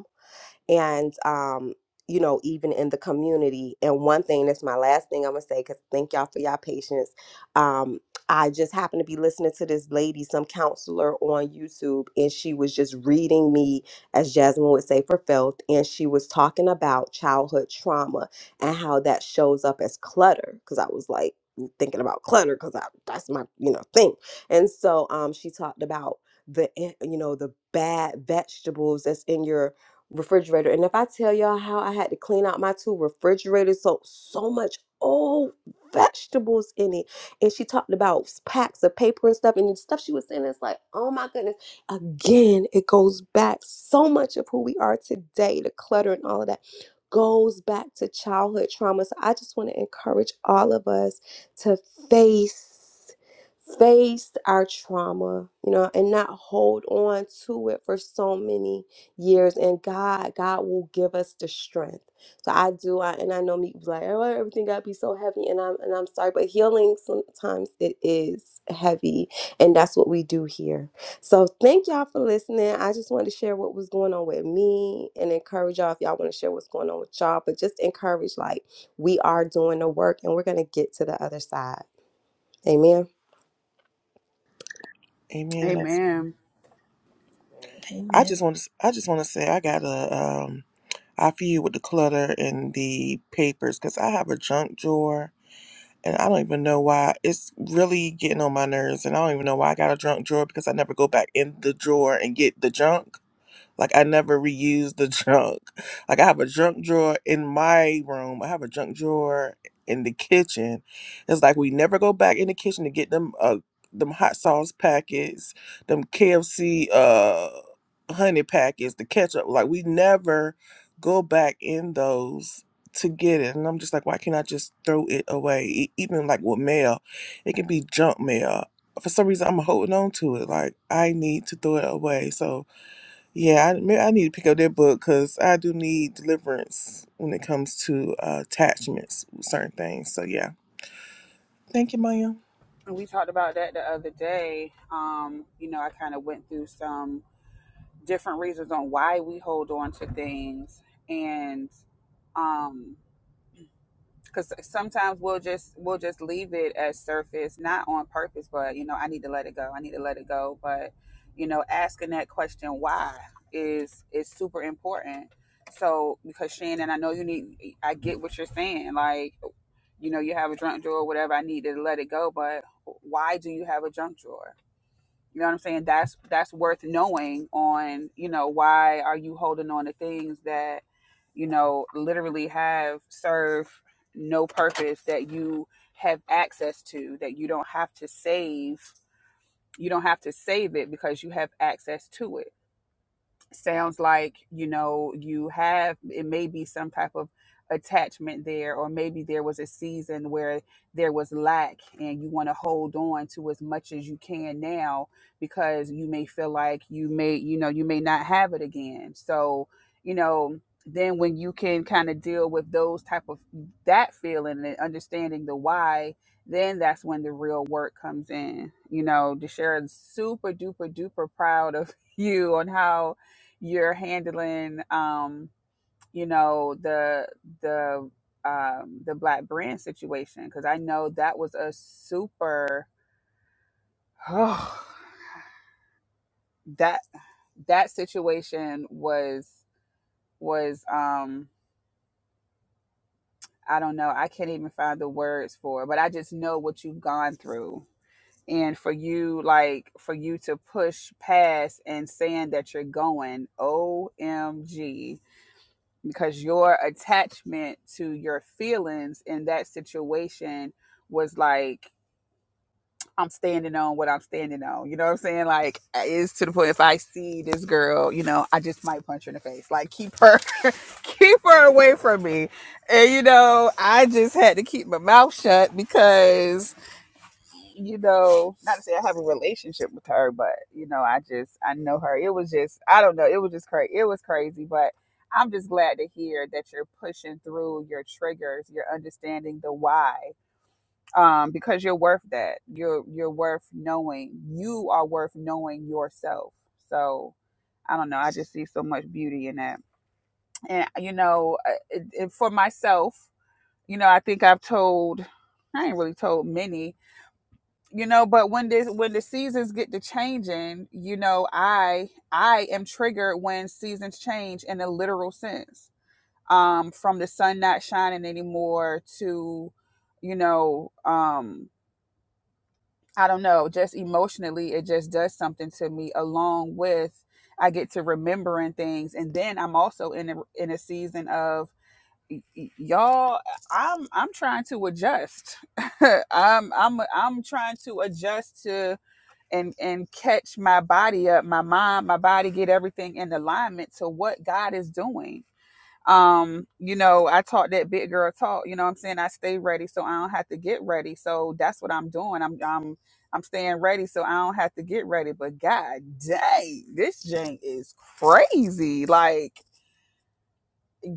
and um you know even in the community and one thing that's my last thing i'm gonna say because thank y'all for y'all patience um i just happened to be listening to this lady some counselor on youtube and she was just reading me as jasmine would say for filth and she was talking about childhood trauma and how that shows up as clutter because i was like thinking about clutter because that's my you know thing and so um she talked about the eh, you know the bad vegetables that's in your refrigerator. And if I tell y'all how I had to clean out my two refrigerators, so so much old vegetables in it. And she talked about packs of paper and stuff. And the stuff she was saying is like, oh my goodness. Again, it goes back so much of who we are today, the clutter and all of that goes back to childhood trauma. So I just want to encourage all of us to face face our trauma, you know, and not hold on to it for so many years and God, God will give us the strength. So I do I and I know me be like, oh everything gotta be so heavy and I'm and I'm sorry, but healing sometimes it is heavy and that's what we do here. So thank y'all for listening. I just wanted to share what was going on with me and encourage y'all if y'all want to share what's going on with y'all, but just encourage like we are doing the work and we're gonna get to the other side. Amen. Amen. amen. And I Amen. just want to. I just want to say I got a. Um, I feud with the clutter and the papers because I have a junk drawer and I don't even know why it's really getting on my nerves and I don't even know why I got a junk drawer because I never go back in the drawer and get the junk. Like I never reuse the junk. Like I have a junk drawer in my room. I have a junk drawer in the kitchen. It's like we never go back in the kitchen to get them uh them hot sauce packets, them KFC uh honey packets, the ketchup. Like we never go back in those to get it. And I'm just like, why can't I just throw it away? E- even like with mail, it can be junk mail. For some reason, I'm holding on to it. Like I need to throw it away. So yeah, I, may- I need to pick up that book because I do need deliverance when it comes to uh, attachments, with certain things. So yeah, thank you, Maya. We talked about that the other day. Um, you know, I kind of went through some different reasons on why we hold on to things. And um because sometimes we'll just we'll just leave it as surface not on purpose but you know i need to let it go i need to let it go but you know asking that question why is is super important so because shannon i know you need i get what you're saying like you know you have a junk drawer whatever i need to let it go but why do you have a junk drawer you know what I'm saying? That's that's worth knowing on, you know, why are you holding on to things that, you know, literally have serve no purpose that you have access to, that you don't have to save. You don't have to save it because you have access to it sounds like you know you have it may be some type of attachment there or maybe there was a season where there was lack and you want to hold on to as much as you can now because you may feel like you may you know you may not have it again so you know then when you can kind of deal with those type of that feeling and understanding the why then that's when the real work comes in you know deshara's super duper duper proud of you on how you're handling um you know the the um the black brand situation because i know that was a super that that situation was was um i don't know i can't even find the words for it, but i just know what you've gone through and for you like for you to push past and saying that you're going omg because your attachment to your feelings in that situation was like I'm standing on what I'm standing on. You know what I'm saying? Like uh, it's to the point if I see this girl, you know, I just might punch her in the face. Like keep her keep her away from me. And you know, I just had to keep my mouth shut because you know, not to say I have a relationship with her, but you know, I just I know her. It was just I don't know. It was just crazy. It was crazy, but I'm just glad to hear that you're pushing through your triggers. You're understanding the why, um, because you're worth that. You're you're worth knowing. You are worth knowing yourself. So I don't know. I just see so much beauty in that, and you know, uh, it, it, for myself, you know, I think I've told. I ain't really told many you know but when this when the seasons get to changing you know i i am triggered when seasons change in a literal sense um from the sun not shining anymore to you know um i don't know just emotionally it just does something to me along with i get to remembering things and then i'm also in a in a season of y'all i'm i'm trying to adjust i'm i'm i'm trying to adjust to and and catch my body up my mind my body get everything in alignment to what god is doing um you know i taught that big girl talk you know what i'm saying i stay ready so i don't have to get ready so that's what i'm doing i'm i'm i'm staying ready so i don't have to get ready but god dang this jank is crazy like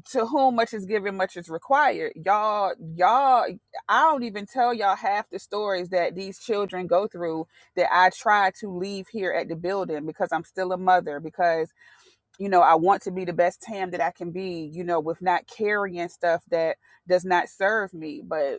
to whom much is given, much is required. Y'all, y'all, I don't even tell y'all half the stories that these children go through that I try to leave here at the building because I'm still a mother, because, you know, I want to be the best Tam that I can be, you know, with not carrying stuff that does not serve me. But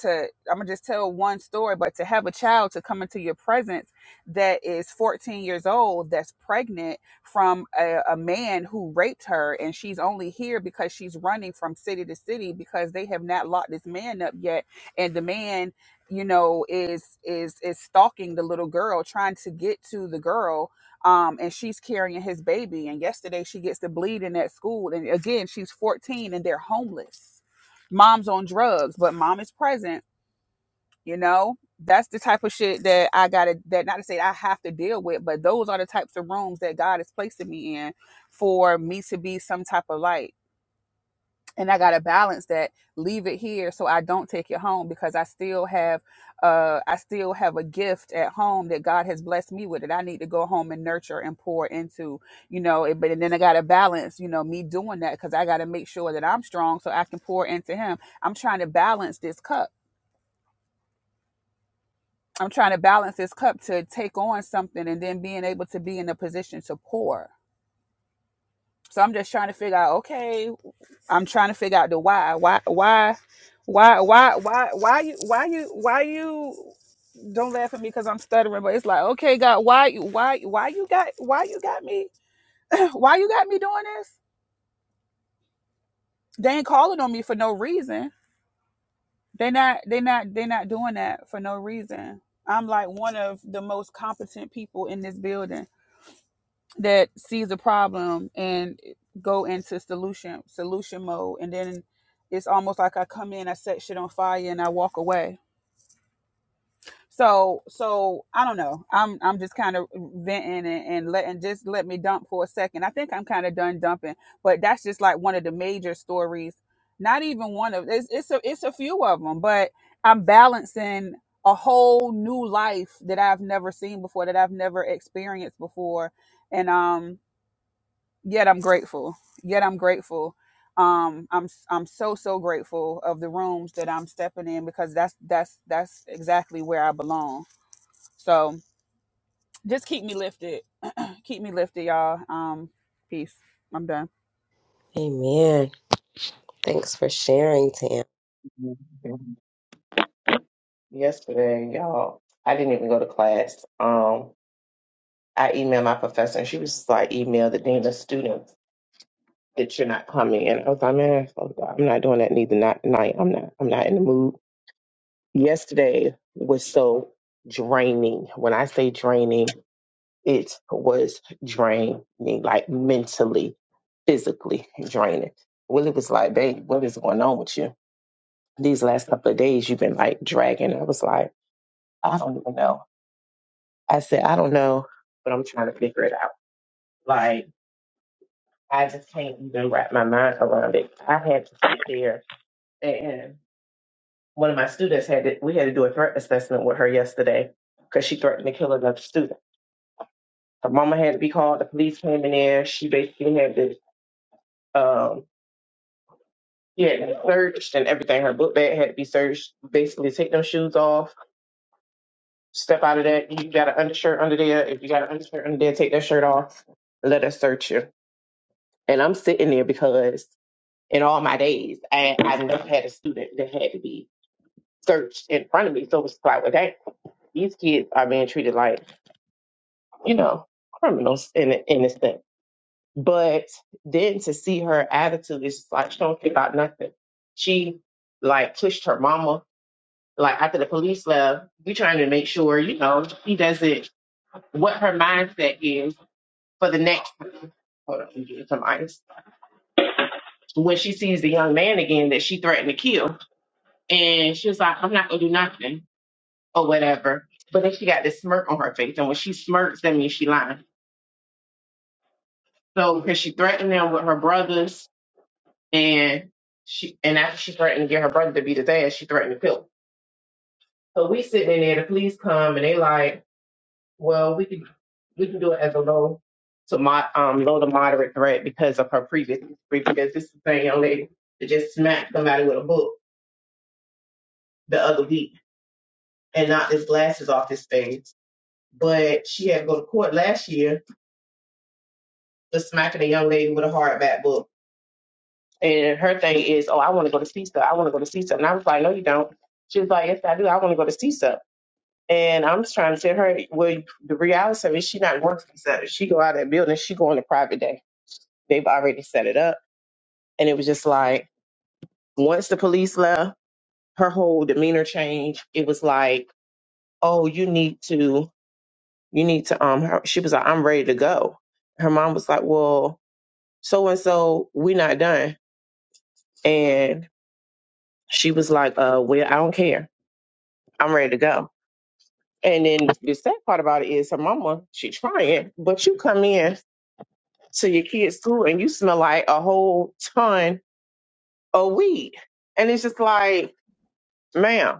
to I'm gonna just tell one story, but to have a child to come into your presence that is 14 years old, that's pregnant from a, a man who raped her, and she's only here because she's running from city to city because they have not locked this man up yet, and the man, you know, is is is stalking the little girl, trying to get to the girl. Um, and she's carrying his baby. And yesterday she gets to bleeding at school. And again, she's 14 and they're homeless mom's on drugs, but mom is present you know, that's the type of shit that I gotta that not to say I have to deal with, but those are the types of rooms that God is placing me in for me to be some type of light. And I gotta balance that, leave it here so I don't take it home because I still have uh I still have a gift at home that God has blessed me with that I need to go home and nurture and pour into, you know, it, but and then I gotta balance, you know, me doing that because I gotta make sure that I'm strong so I can pour into him. I'm trying to balance this cup I'm trying to balance this cup to take on something and then being able to be in a position to pour. So I'm just trying to figure out, okay, I'm trying to figure out the why. Why why why why why why you why you why you don't laugh at me because I'm stuttering, but it's like, okay, God, why why why you got why you got me why you got me doing this? They ain't calling on me for no reason. They not they not they not doing that for no reason. I'm like one of the most competent people in this building that sees a problem and go into solution solution mode and then it's almost like I come in, I set shit on fire and I walk away. So so I don't know. I'm I'm just kind of venting and, and letting just let me dump for a second. I think I'm kind of done dumping, but that's just like one of the major stories. Not even one of it's it's a it's a few of them, but I'm balancing a whole new life that I've never seen before, that I've never experienced before. And um yet I'm grateful. Yet I'm grateful. Um, I'm I'm so so grateful of the rooms that I'm stepping in because that's that's that's exactly where I belong. So just keep me lifted, keep me lifted, y'all. Um, peace. I'm done. Amen. Thanks for sharing, Tam. Yesterday, y'all, I didn't even go to class. Um, I emailed my professor, and she was just like, "Email the dean of students that you're not coming." And I was like, "Man, fuck that. I'm not doing that neither. Not tonight. I'm not. I'm not in the mood." Yesterday was so draining. When I say draining. It was draining, like mentally, physically draining. Willie was like, babe, what is going on with you? These last couple of days, you've been like dragging. I was like, I don't even know. I said, I don't know, but I'm trying to figure it out. Like, I just can't even wrap my mind around it. I had to sit there and one of my students had to, we had to do a threat assessment with her yesterday because she threatened to kill another student. Her mama had to be called. The police came in there. She basically had to. um, She had been searched and everything. Her book bag had to be searched. Basically, take them shoes off, step out of that. You got an undershirt under there. If you got an undershirt under there, take that shirt off. Let us search you. And I'm sitting there because in all my days, I, I never had a student that had to be searched in front of me. So it was like, well, dang, these kids are being treated like, you know, criminals in in a sense. But then to see her attitude, it's just like she don't care about nothing. She like pushed her mama Like after the police left, we trying to make sure, you know, she doesn't what her mindset is for the next time. Hold on, let me get some ice. When she sees the young man again that she threatened to kill, and she was like, "I'm not gonna do nothing" or whatever. But then she got this smirk on her face, and when she smirks, that means she lying. So because she threatened them with her brothers, and she and after she threatened to get her brother to beat his ass, she threatened to kill. him. So we sitting in there, the police come, and they like Well, we can we can do it as a low to mod um low to moderate threat because of her previous history. Because this is the same young lady that just smacked somebody with a book the other week and knocked his glasses off his face. But she had to go to court last year for smacking a young lady with a hardback book. And her thing is, oh, I want to go to CISA. I want to go to CISA. And I was like, no, you don't. She was like, yes, I do. I want to go to CISA. And I'm just trying to tell her, well, the reality of it, she not going to CISA. She go out of that building. She going to private day They've already set it up. And it was just like, once the police left, her whole demeanor changed. It was like, oh, you need to, you need to, um, her, she was like, I'm ready to go. Her mom was like, well, so and so, we're not done. And she was like, uh, well, I don't care. I'm ready to go. And then the sad part about it is her mama, she trying, but you come in to your kids' school and you smell like a whole ton of weed. And it's just like, ma'am,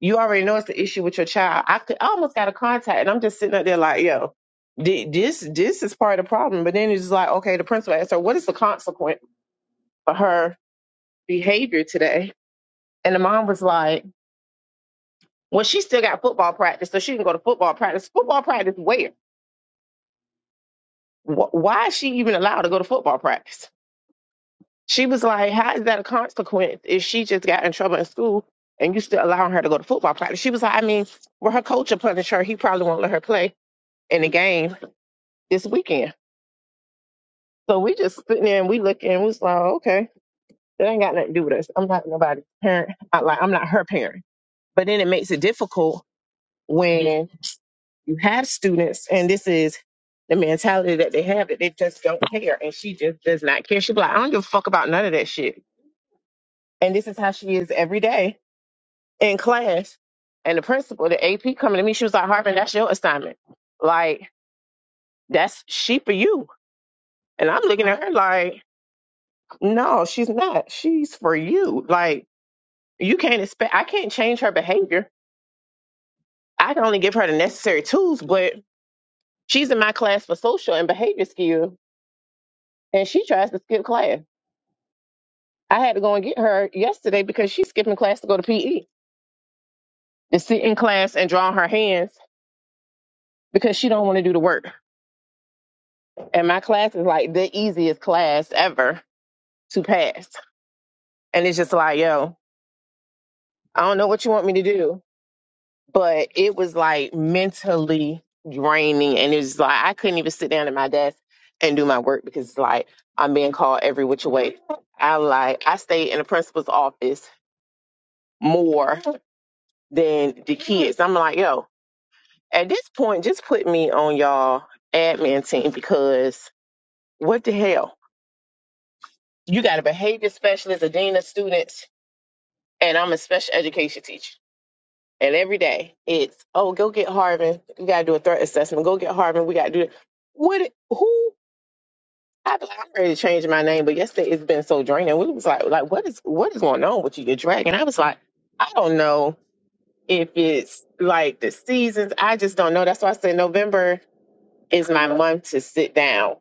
you already know it's the issue with your child. I could I almost got a contact, and I'm just sitting up there like, yo, thi- this this is part of the problem. But then it's just like, okay, the principal asked her, what is the consequence for her behavior today? And the mom was like, well, she still got football practice, so she can go to football practice. Football practice where? Wh- Why is she even allowed to go to football practice? She was like, how is that a consequence if she just got in trouble in school and you still allowing her to go to football practice? She was like, I mean, well, her coach will punish her. He probably won't let her play in the game this weekend. So we just sitting there and we looking and we was like, okay, that ain't got nothing to do with us. I'm not nobody's parent. I, like I'm not her parent. But then it makes it difficult when you have students and this is the mentality that they have that they just don't care and she just does not care. She be like, I don't give a fuck about none of that shit. And this is how she is every day in class. And the principal, the AP coming to me, she was like, Harvin, that's your assignment. Like, that's she for you. And I'm looking at her like, No, she's not. She's for you. Like you can't expect I can't change her behavior. I can only give her the necessary tools, but she's in my class for social and behavior skill. and she tries to skip class. I had to go and get her yesterday because she's skipping class to go to PE to sit in class and draw on her hands because she don't want to do the work. And my class is like the easiest class ever to pass. And it's just like, yo, I don't know what you want me to do but it was like mentally draining and it was like i couldn't even sit down at my desk and do my work because like i'm being called every which way i like i stayed in the principal's office more than the kids i'm like yo at this point just put me on y'all admin team because what the hell you got a behavior specialist a dean of students and i'm a special education teacher And every day it's, oh, go get Harvin. We got to do a threat assessment. Go get Harvin. We got to do it. What, who, I, I'm ready to change my name, but yesterday it's been so draining. We was like, like, what is, what is going on with you? You're dragging. I was like, I don't know if it's like the seasons. I just don't know. That's why I said November is my month to sit down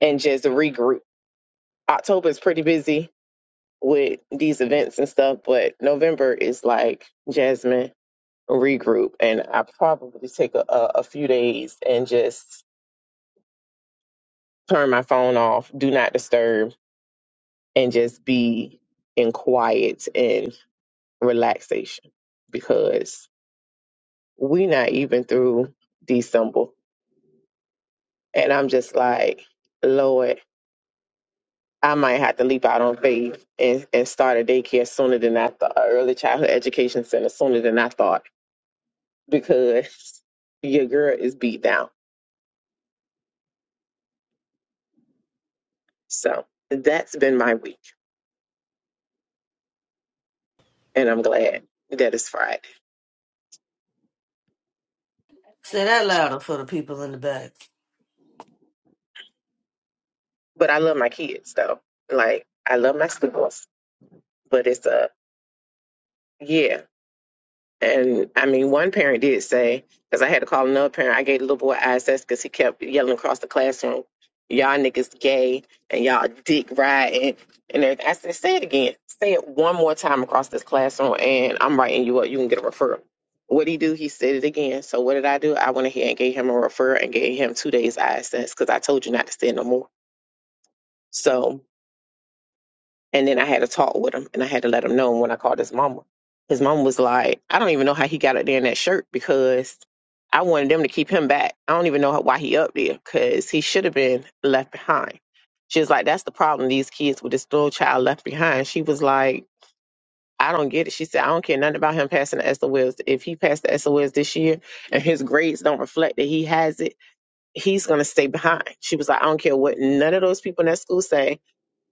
and just regroup. October is pretty busy with these events and stuff, but November is like, Jasmine, regroup and I probably just take a, a, a few days and just turn my phone off, do not disturb, and just be in quiet and relaxation because we not even through December. And I'm just like, Lord, I might have to leap out on faith and, and start a daycare sooner than I thought, early childhood education center sooner than I thought because your girl is beat down. So that's been my week. and I'm glad that it's Friday. Say that louder for the people in the back. But I love my kids though. Like I love my students, but it's a yeah. And I mean, one parent did say because I had to call another parent. I gave the little boy ISS because he kept yelling across the classroom, "Y'all niggas gay and y'all dick riding." And everything. I said, "Say it again. Say it one more time across this classroom, and I'm writing you up. You can get a referral." What he do? He said it again. So what did I do? I went ahead and gave him a referral and gave him two days ISS because I told you not to say it no more. So And then I had a talk with him and I had to let him know. And when I called his mama, his mama was like, I don't even know how he got up there in that shirt because I wanted them to keep him back. I don't even know how, why he up there because he should have been left behind. She was like, That's the problem. These kids with this little child left behind. She was like, I don't get it. She said, I don't care nothing about him passing the SOLs. If he passed the SOLs this year and his grades don't reflect that he has it, he's going to stay behind. She was like, I don't care what none of those people in that school say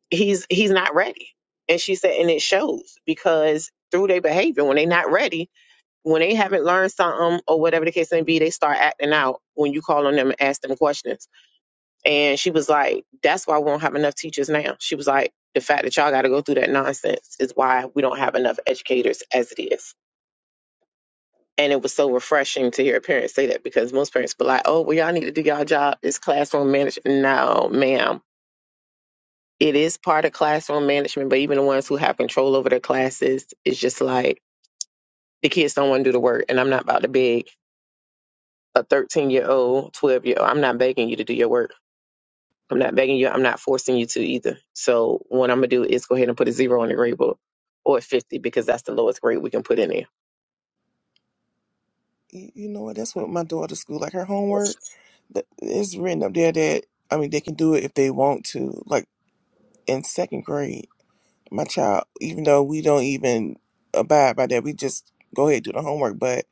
he's he's not ready and she said and it shows because through their behavior when they're not ready when they haven't learned something or whatever the case may be they start acting out when you call on them and ask them questions and she was like that's why we don't have enough teachers now she was like the fact that y'all got to go through that nonsense is why we don't have enough educators as it is and it was so refreshing to hear a parent say that because most parents be like oh well y'all need to do y'all job it's classroom management no ma'am it is part of classroom management, but even the ones who have control over their classes, it's just like the kids don't want to do the work. And I'm not about to beg a 13 year old, 12 year old. I'm not begging you to do your work. I'm not begging you. I'm not forcing you to either. So what I'm gonna do is go ahead and put a zero on the grade book or a 50 because that's the lowest grade we can put in there. You, you know what? That's what my daughter's school like. Her homework, th- it's written up there that I mean they can do it if they want to. Like in second grade, my child, even though we don't even abide by that, we just go ahead and do the homework. But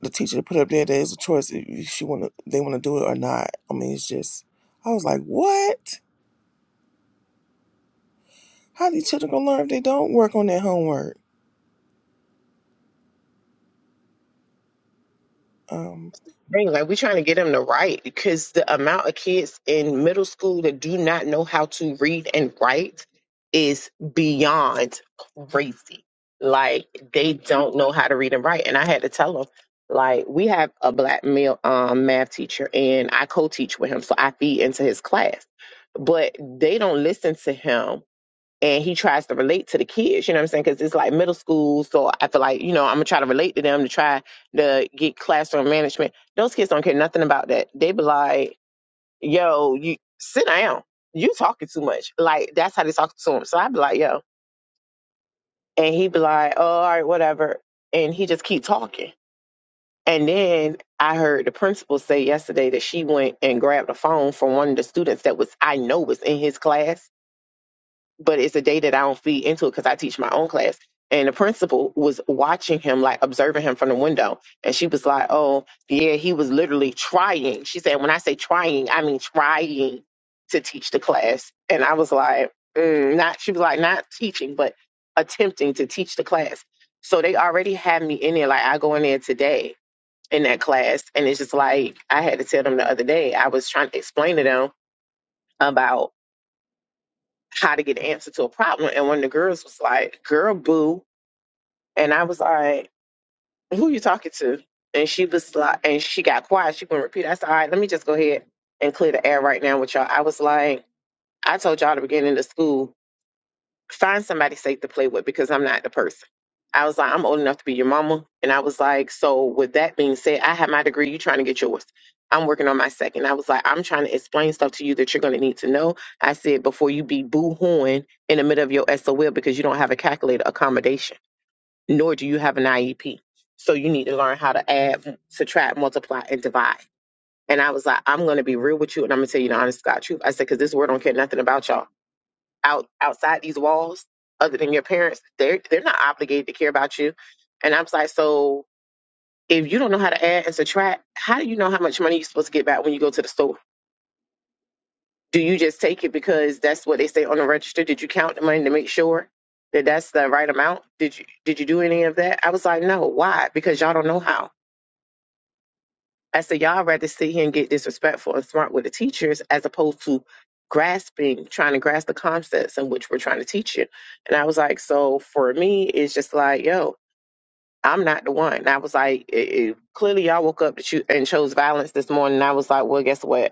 the teacher put up there that it's a choice if she want to, they want to do it or not. I mean, it's just. I was like, what? How these children gonna learn if they don't work on their homework? Um, thing. Like we're trying to get them to write because the amount of kids in middle school that do not know how to read and write is beyond crazy. Like they don't know how to read and write, and I had to tell them. Like we have a black male um, math teacher, and I co-teach with him, so I feed into his class. But they don't listen to him and he tries to relate to the kids, you know what I'm saying? Because it's like middle school. So I feel like, you know, I'm going to try to relate to them to try to get classroom management. Those kids don't care nothing about that. They be like, yo, you sit down. You talking too much. Like, that's how they talk to him. So I be like, yo. And he be like, oh, all right, whatever. And he just keep talking. And then I heard the principal say yesterday that she went and grabbed a phone from one of the students that was, I know was in his class but it's a day that I don't feed into it because I teach my own class. And the principal was watching him, like observing him from the window. And she was like, Oh, yeah, he was literally trying. She said, When I say trying, I mean trying to teach the class. And I was like, mm, Not, she was like, Not teaching, but attempting to teach the class. So they already had me in there. Like, I go in there today in that class. And it's just like, I had to tell them the other day, I was trying to explain to them about how to get an answer to a problem. And one of the girls was like, girl, boo. And I was like, who you talking to? And she was like, and she got quiet. She couldn't repeat. I said, all right, let me just go ahead and clear the air right now with y'all. I was like, I told y'all at the beginning of school find somebody safe to play with because I'm not the person. I was like, I'm old enough to be your mama. And I was like, so with that being said, I have my degree, you trying to get yours. I'm working on my second. I was like, I'm trying to explain stuff to you that you're gonna need to know. I said before you be boo hooing in the middle of your SOL because you don't have a calculator accommodation, nor do you have an IEP. So you need to learn how to add, subtract, multiply, and divide. And I was like, I'm gonna be real with you and I'm gonna tell you the honest to God truth. I said, because this word don't care nothing about y'all out outside these walls other than your parents they're they're not obligated to care about you and i'm just like so if you don't know how to add and subtract how do you know how much money you're supposed to get back when you go to the store do you just take it because that's what they say on the register did you count the money to make sure that that's the right amount did you did you do any of that i was like no why because y'all don't know how I said, y'all rather sit here and get disrespectful and smart with the teachers as opposed to grasping, trying to grasp the concepts in which we're trying to teach you. And I was like, so for me, it's just like, yo, I'm not the one. And I was like, it, it- clearly y'all woke up to choo- and chose violence this morning. And I was like, well, guess what?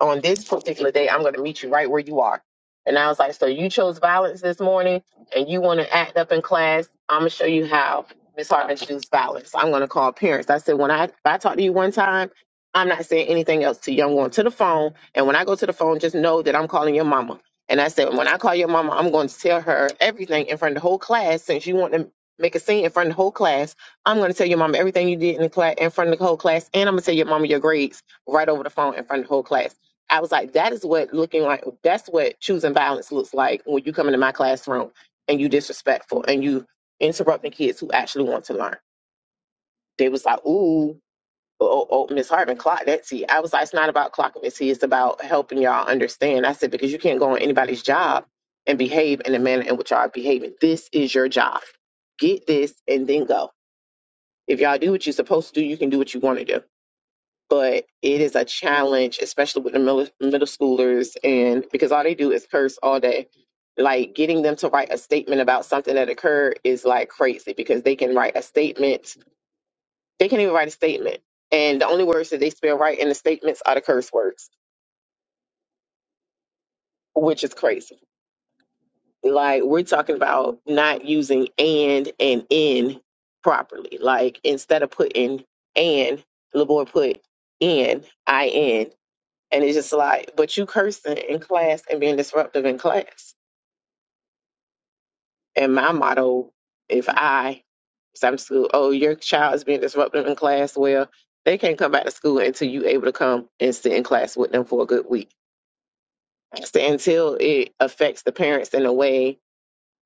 on this particular day, I'm going to meet you right where you are. And I was like, so you chose violence this morning and you want to act up in class. I'm going to show you how Miss Hart introduced violence. I'm going to call parents. I said, when I, if I talk to you one time, I'm not saying anything else to you. I'm going to the phone. And when I go to the phone, just know that I'm calling your mama. And I said, when I call your mama, I'm going to tell her everything in front of the whole class. Since you want to make a scene in front of the whole class, I'm going to tell your mama everything you did in the class, in front of the whole class. And I'm going to tell your mama your grades right over the phone in front of the whole class. I was like, that is what looking like, that's what choosing violence looks like when you come into my classroom and you disrespectful and you interrupting kids who actually want to learn. They was like, ooh, oh, oh oh, Miss Hartman, clock that tea. I was like, it's not about clocking Miss T, it's about helping y'all understand. I said, because you can't go on anybody's job and behave in the manner in which y'all are behaving. This is your job. Get this and then go. If y'all do what you're supposed to do, you can do what you want to do but it is a challenge, especially with the middle, middle schoolers, and because all they do is curse all day. Like getting them to write a statement about something that occurred is like crazy because they can write a statement, they can not even write a statement, and the only words that they spell right in the statements are the curse words, which is crazy. Like we're talking about not using and and in properly. Like instead of putting and, LeBoy put in, in. And it's just like, but you cursing in class and being disruptive in class. And my motto, if I, some school, oh, your child is being disruptive in class, well, they can't come back to school until you able to come and sit in class with them for a good week. So until it affects the parents in a way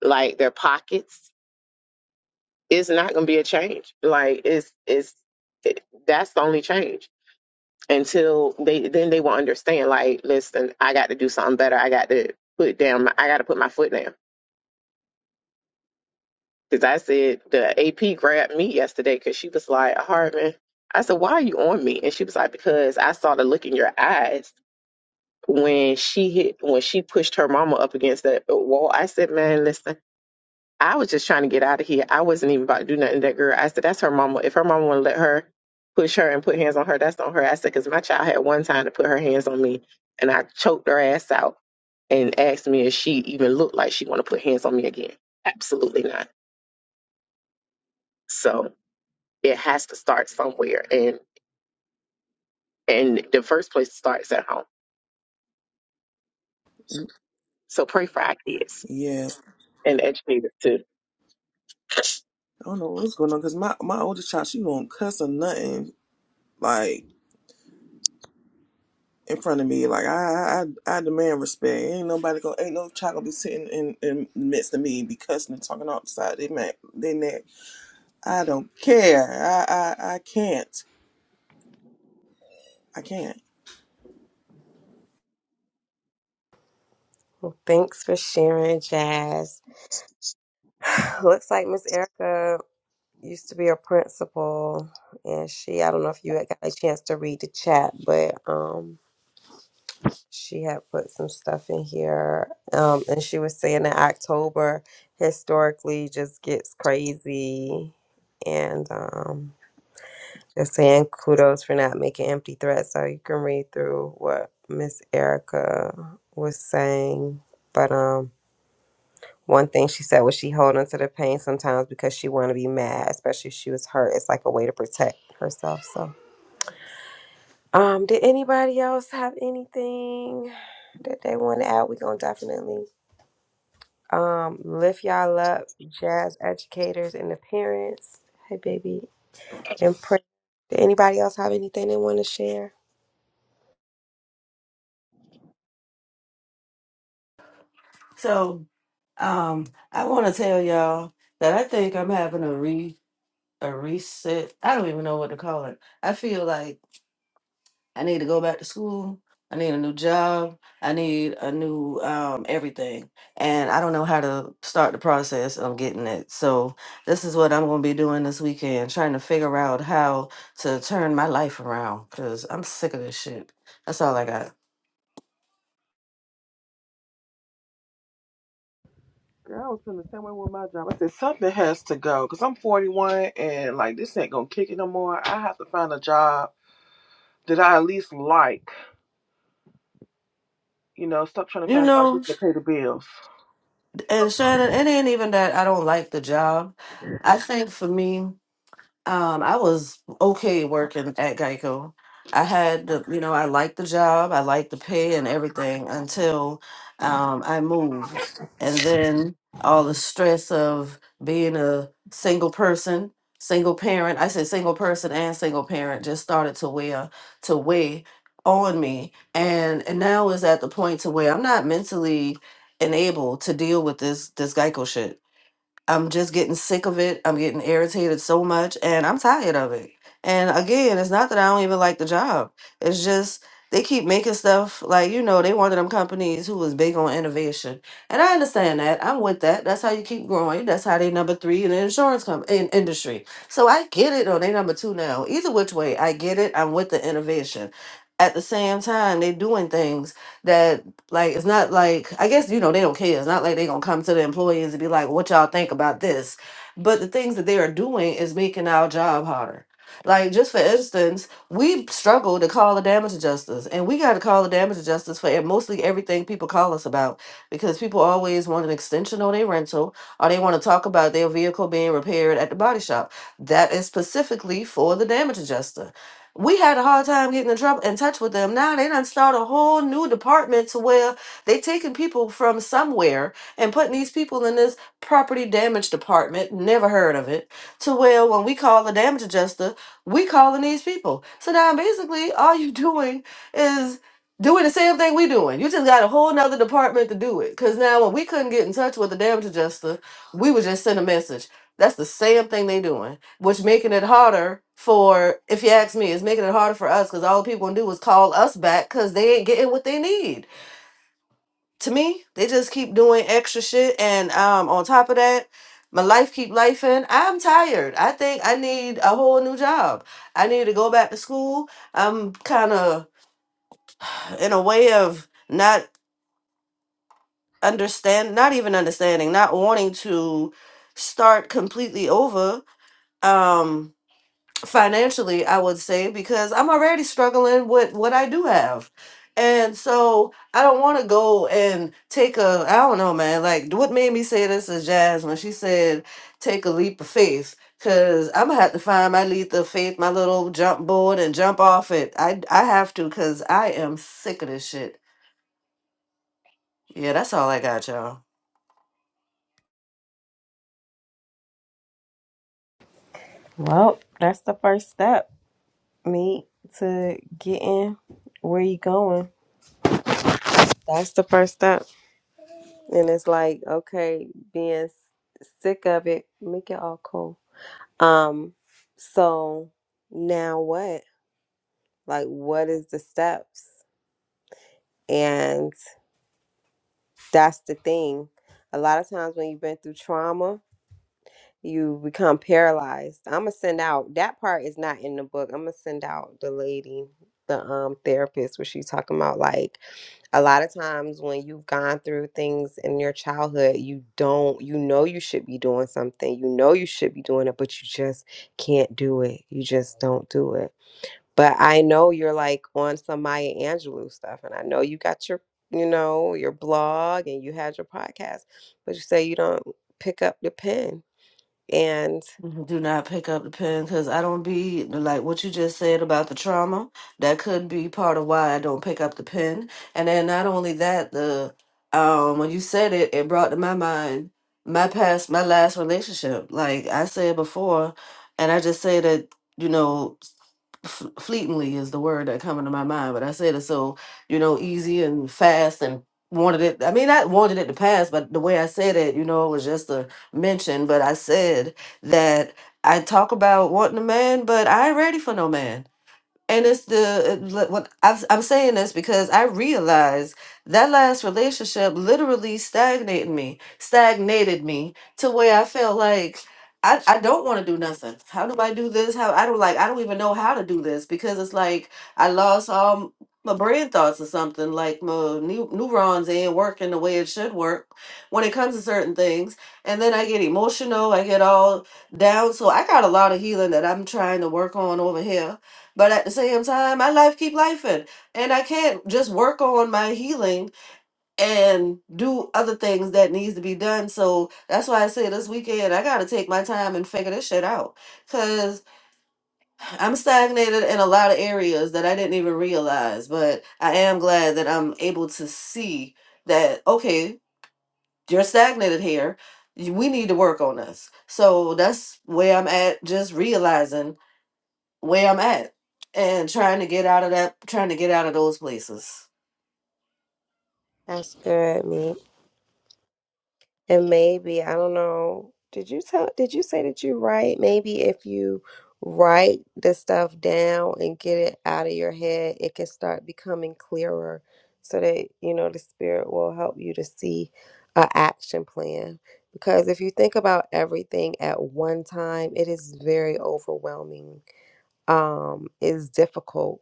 like their pockets, it's not going to be a change. Like it's it's it, that's the only change until they then they will understand. Like, listen, I got to do something better. I got to put down. My, I got to put my foot down Because I said the AP grabbed me yesterday because she was like, Harmon, I said, why are you on me? And she was like, because I saw the look in your eyes when she hit, when she pushed her mama up against that wall. I said, man, listen, I was just trying to get out of here. I wasn't even about to do nothing to that girl. I said, that's her mama. If her mama want to let her push her and put hands on her, that's on her. I said, because my child had one time to put her hands on me and I choked her ass out and asked me if she even looked like she want to put hands on me again. Absolutely not. So It has to start somewhere, and and the first place starts at home. So pray for our kids yeah, and educators too. I don't know what's going on because my my oldest child she won't cuss or nothing like in front of me. Like I I I demand respect. Ain't nobody gonna ain't no child gonna be sitting in in the midst of me and be cussing and talking outside. They man they neck. I don't care. I I I can't. I can't. Well, Thanks for sharing, Jazz. Looks like Miss Erica used to be a principal, and she, I don't know if you had got a chance to read the chat, but um, she had put some stuff in here. Um, and she was saying that October historically just gets crazy, and um, just saying kudos for not making empty threats. So you can read through what Miss Erica was saying, but um. One thing she said was she hold on to the pain sometimes because she want to be mad, especially if she was hurt. It's like a way to protect herself. So, um, did anybody else have anything that they want to add? We gonna definitely um lift y'all up, jazz educators and the parents. Hey, baby, and pray. Did anybody else have anything they want to share? So, um, I want to tell y'all that I think I'm having a re a reset. I don't even know what to call it. I feel like I need to go back to school. I need a new job. I need a new um, everything. And I don't know how to start the process of getting it. So, this is what I'm going to be doing this weekend trying to figure out how to turn my life around because I'm sick of this shit. That's all I got. Girl, I was feeling the same way with my job. I said something has to go because I'm 41 and like this ain't gonna kick it no more. I have to find a job that I at least like. You know, stop trying to You find out know, just to pay the bills. and Shannon, it ain't even that I don't like the job. I think for me, Um, I was okay working at Geico. I had, the, you know, I liked the job, I liked the pay and everything until um, I moved. And then all the stress of being a single person, single parent, I said single person and single parent just started to weigh to weigh on me. And and now is at the point to where I'm not mentally enabled to deal with this this Geico shit. I'm just getting sick of it. I'm getting irritated so much and I'm tired of it. And again, it's not that I don't even like the job. It's just they keep making stuff like, you know, they one of them companies who was big on innovation. And I understand that. I'm with that. That's how you keep growing. That's how they number three in the insurance com- in industry. So I get it, or they number two now. Either which way, I get it. I'm with the innovation. At the same time, they're doing things that like it's not like I guess you know they don't care. It's not like they're gonna come to the employees and be like, "What y'all think about this?" But the things that they are doing is making our job harder. Like just for instance, we struggle to call the damage adjusters, and we got to call the damage adjusters for e- mostly everything people call us about because people always want an extension on their rental or they want to talk about their vehicle being repaired at the body shop. That is specifically for the damage adjuster we had a hard time getting in trouble in touch with them. Now they done start a whole new department to where they taking people from somewhere and putting these people in this property damage department, never heard of it, to where when we call the damage adjuster, we calling these people. So now basically all you doing is doing the same thing we doing. You just got a whole nother department to do it. Cause now when we couldn't get in touch with the damage adjuster, we would just send a message. That's the same thing they doing which making it harder for if you ask me it's making it harder for us because all the people gonna do is call us back because they ain't getting what they need to me they just keep doing extra shit and um on top of that my life keep life i'm tired i think i need a whole new job i need to go back to school i'm kind of in a way of not understand not even understanding not wanting to start completely over Um. financially, I would say, because I'm already struggling with what I do have. And so I don't want to go and take a, I don't know, man. Like, what made me say this is Jazz when she said, take a leap of faith. Cause I'm gonna have to find my leap of faith, my little jump board, and jump off it. I I have to, cause I am sick of this shit. Yeah, that's all I got, y'all. Well, that's the first step, me, to getting where you going. That's the first step. And it's like, okay, being s- sick of it, make it all cool. Um, so now what? Like, what is the steps? And that's the thing. A lot of times when you've been through trauma, you become paralyzed. I'm gonna send out that part is not in the book. I'm gonna send out the lady, the um therapist, where she's talking about like a lot of times when you've gone through things in your childhood, you don't, you know, you should be doing something, you know, you should be doing it, but you just can't do it. You just don't do it. But I know you're like on some Maya Angelou stuff, and I know you got your, you know, your blog and you had your podcast, but you say you don't pick up the pen. And Mm-hmm. Do not pick up the pen because I don't be like what you just said about the trauma. That could be part of why I don't pick up the pen. And then not only that, the um when you said it, it brought to my mind my past, my last relationship. Like I said before, and I just say that you know f- fleetingly is the word that come into my mind, but I said it so, you know, easy and fast and wanted it. I mean, I wanted it to pass, but the way I said it, you know, it was just a mention. But I said that I talk about wanting a man, but I ain't ready for no man. And it's the li- what I've, I'm saying this because I realized that last relationship literally stagnated me, stagnated me to where I felt like I, I don't want to do nothing. How do I do this? How I don't like I don't even know how to do this because it's like I lost all m- my brain thoughts or something. Like my neu- neurons ain't working the way it should work when it comes to certain things. And then I get emotional. I get all down. So I got a lot of healing that I'm trying to work on over here but at the same time, my life keep lifing, and I can't just work on my healing and do other things that needs to be done. So that's why I say this weekend I gotta take my time and figure this shit out, cause I'm stagnated in a lot of areas that I didn't even realize. But I am glad that I'm able to see that okay, you're stagnated here. y- We need to work on this. So that's where I'm at. Just realizing where I'm at and trying to get out of that trying to get out of those places. that's good, me. And maybe, I don't know, did you tell, did you say that you write? Maybe if you write the stuff down and get it out of your head, it can start becoming clearer so that, you know, the spirit will help you to see a action plan. Because if you think about everything at one time, it is very overwhelming um is difficult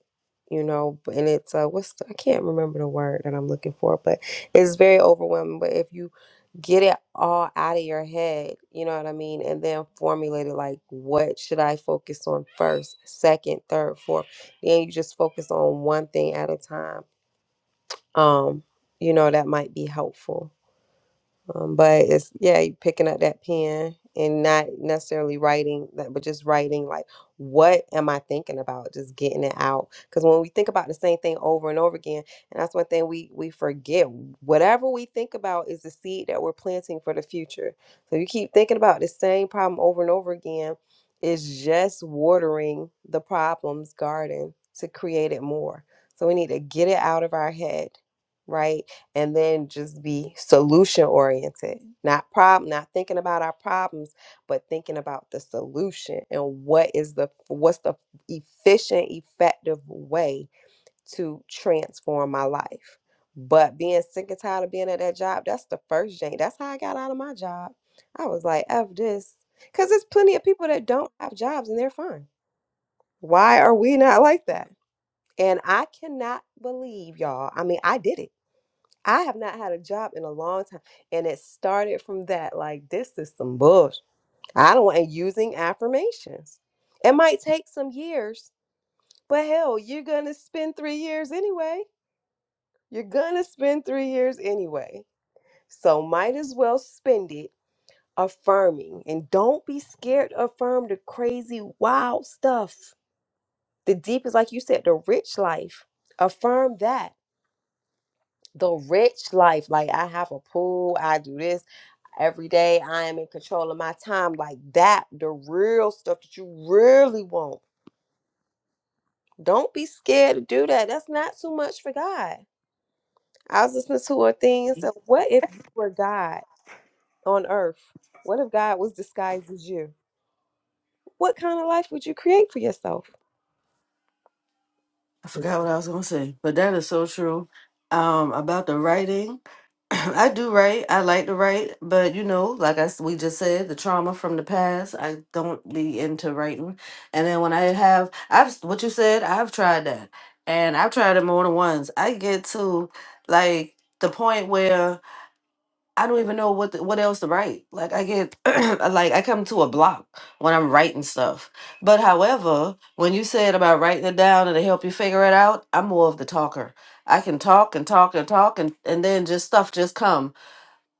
you know b- and it's uh what's the, i can't remember the word that i'm looking for but it's very overwhelming but if you get it all out of your head you know what i mean and then formulate it like what should i focus on first second third fourth then you just focus on one thing at a time um you know that might be helpful um, but it's yeah, you picking up that pen and not necessarily writing that, but just writing like, what am I thinking about? Just getting it out. Because when we think about the same thing over and over again, and that's one thing we we forget. Whatever we think about is the seed that we're planting for the future. So you keep thinking about the same problem over and over again. It's just watering the problem's garden to create it more. So we need to get it out of our head, right? and then just be solution oriented not problem not thinking about our problems but thinking about the solution and what is the what's the efficient effective way to transform my life but being sick and tired of being at that job that's the first thing that's how i got out of my job i was like f this because there's plenty of people that don't have jobs and they're fine why are we not like that and i cannot believe y'all i mean i did it I have not had a job in a long time. And it started from that. Like, this is some bullshit. I don't want using affirmations. It might take some years, but hell, you're going to spend three years anyway. You're going to spend three years anyway. So, might as well spend it affirming. And don't be scared to affirm the crazy, wild stuff. The deep is like you said, the rich life. Affirm that the rich life. Like I have a pool, I do this every day. I am in control of my time. Like that, the real stuff that you really want. Don't be scared to do that. That's not too much for God. I was listening to a thing and said, What if you were God on earth? What if God was disguised as you? What kind of life would you create for yourself? I forgot what I was gonna say, but that is so true. Um, about the writing, I do write. I like to write, but you know, like I s- we just said, the trauma from the past. I don't be into writing. And then when I have, I've s- what you said. I've tried that, and I've tried it more than once. I get to like the point where I don't even know what the, what else to write. Like I get like I come to a block when I'm writing stuff. But however, when you said about writing it down and to help you figure it out, I'm more of the talker. I can talk and talk and talk and and then just stuff just comes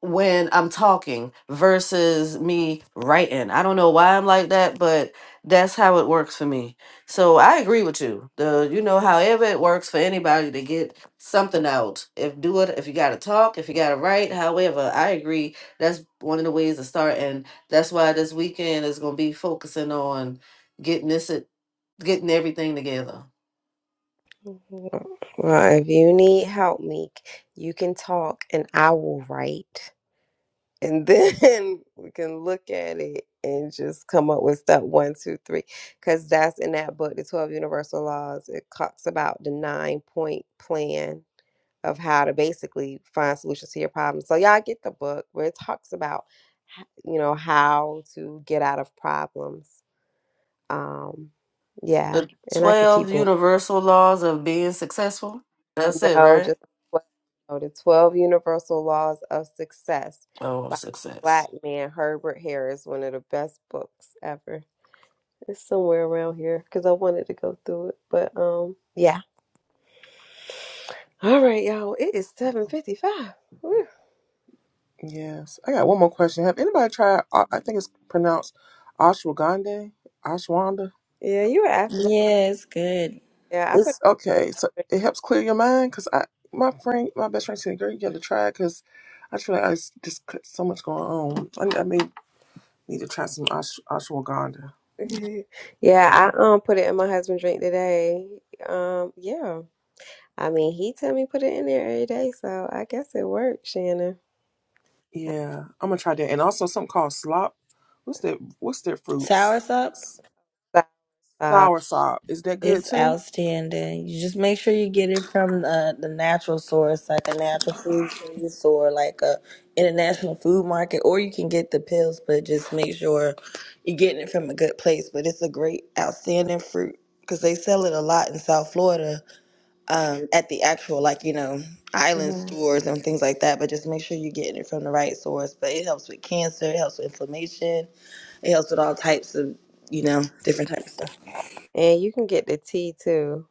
when I'm talking versus me writing. I don't know why I'm like that, but that's how it works for me. So I agree with you. The you know, however it works for anybody to get something out. If do it if you gotta talk, if you gotta write, however, I agree. That's one of the ways to start and that's why this weekend is gonna be focusing on getting this getting everything together. Well, if you need help, Meek, you can talk and I will write. and then we can look at it and just come up with step one, two, three, because that's in that book, the Twelve Universal Laws. It talks about the nine point plan of how to basically find solutions to your problems. So y'all get the book where it talks about, h- you know, how to get out of problems. Um, yeah, The and I could keep twelve going. universal laws of being successful. That's it, No, right? just the 12, no, the 12 Universal Laws of Success Oh, by success. Black man Herbert Harris, one of the best books ever. It's somewhere around here because I wanted to go through it. But um yeah. All right, y'all. It is 7:55. Yes. I got one more question. Have anybody tried, uh, I think it's pronounced ashwagandha? Ashwanda? Yeah, you were asked about Yes, good. Yeah, I put It's okay. So it helps clear your mind because I, my friend, my best friend said, girl, you got to try it because I feel like I s- just got so much going on. I, need- I may need to try some ash, ashwagandha. Yeah, I um put it in my husband's drink today. Um yeah. I mean, he tell me put it in there every day, so I guess it worked, Shannon. Yeah, I'm gonna try that. And also something called slop. What's that? What's that fruit? Sour S- us up? s- So, uh, Sour sop. Is that good It's too? outstanding. You just make sure you get it from the, the natural source, like a natural food place or like a international food market, or you can get the pills, but just make sure you're getting it from a good place. But it's a great, outstanding fruit because they sell it a lot in South Florida um, at the actual, like, you know, island Mm-hmm. stores and things like that. But just make sure you're getting it from the right source. But it helps with cancer, it helps with inflammation, it helps with all types of, you know, different types of stuff. And you can get the tea too.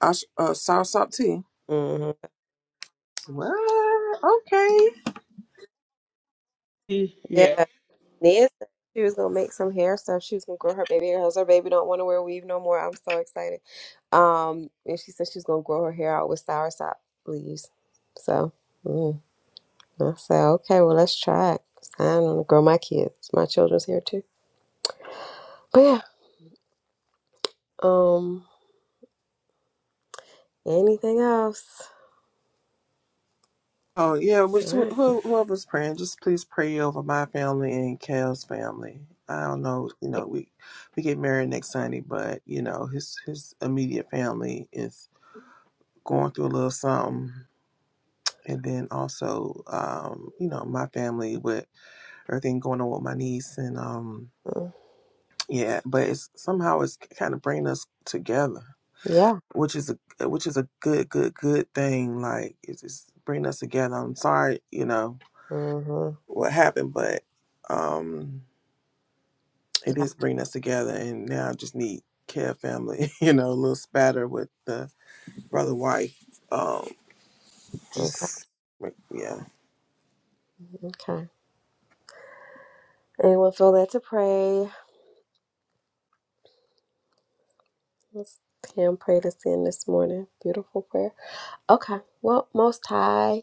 Ash, uh, sour sop tea. hmm What? Okay. Yeah. Nia said she was gonna make some hair stuff. She was gonna grow her baby hair. 'Cause Her baby don't want to wear weave no more. I'm so excited. Um, and she said she was gonna grow her hair out with soursop leaves. So mm, I said, okay, well let's try it. 'Cause I'm gonna grow my kids, my children's hair too. But yeah, um, anything else? Oh yeah. All Which right. wh- who, whoever's praying, just please pray over my family and Cal's family. I don't know. You know, we we get married next Sunday, but you know, his his immediate family is going through a little something, and then also, um, you know, my family with everything going on with my niece and um, Mm, yeah. But it's somehow it's kind of bringing us together Yeah. which is a which is a good good good thing like it's just bringing us together i'm sorry you know hmm what happened but um it is bringing us together and now i just need care family you know a little spatter with the brother wife um just like, yeah Okay. Anyone feel led to pray? Let's can pray to sin this morning. Beautiful prayer. Okay. Well, Most High,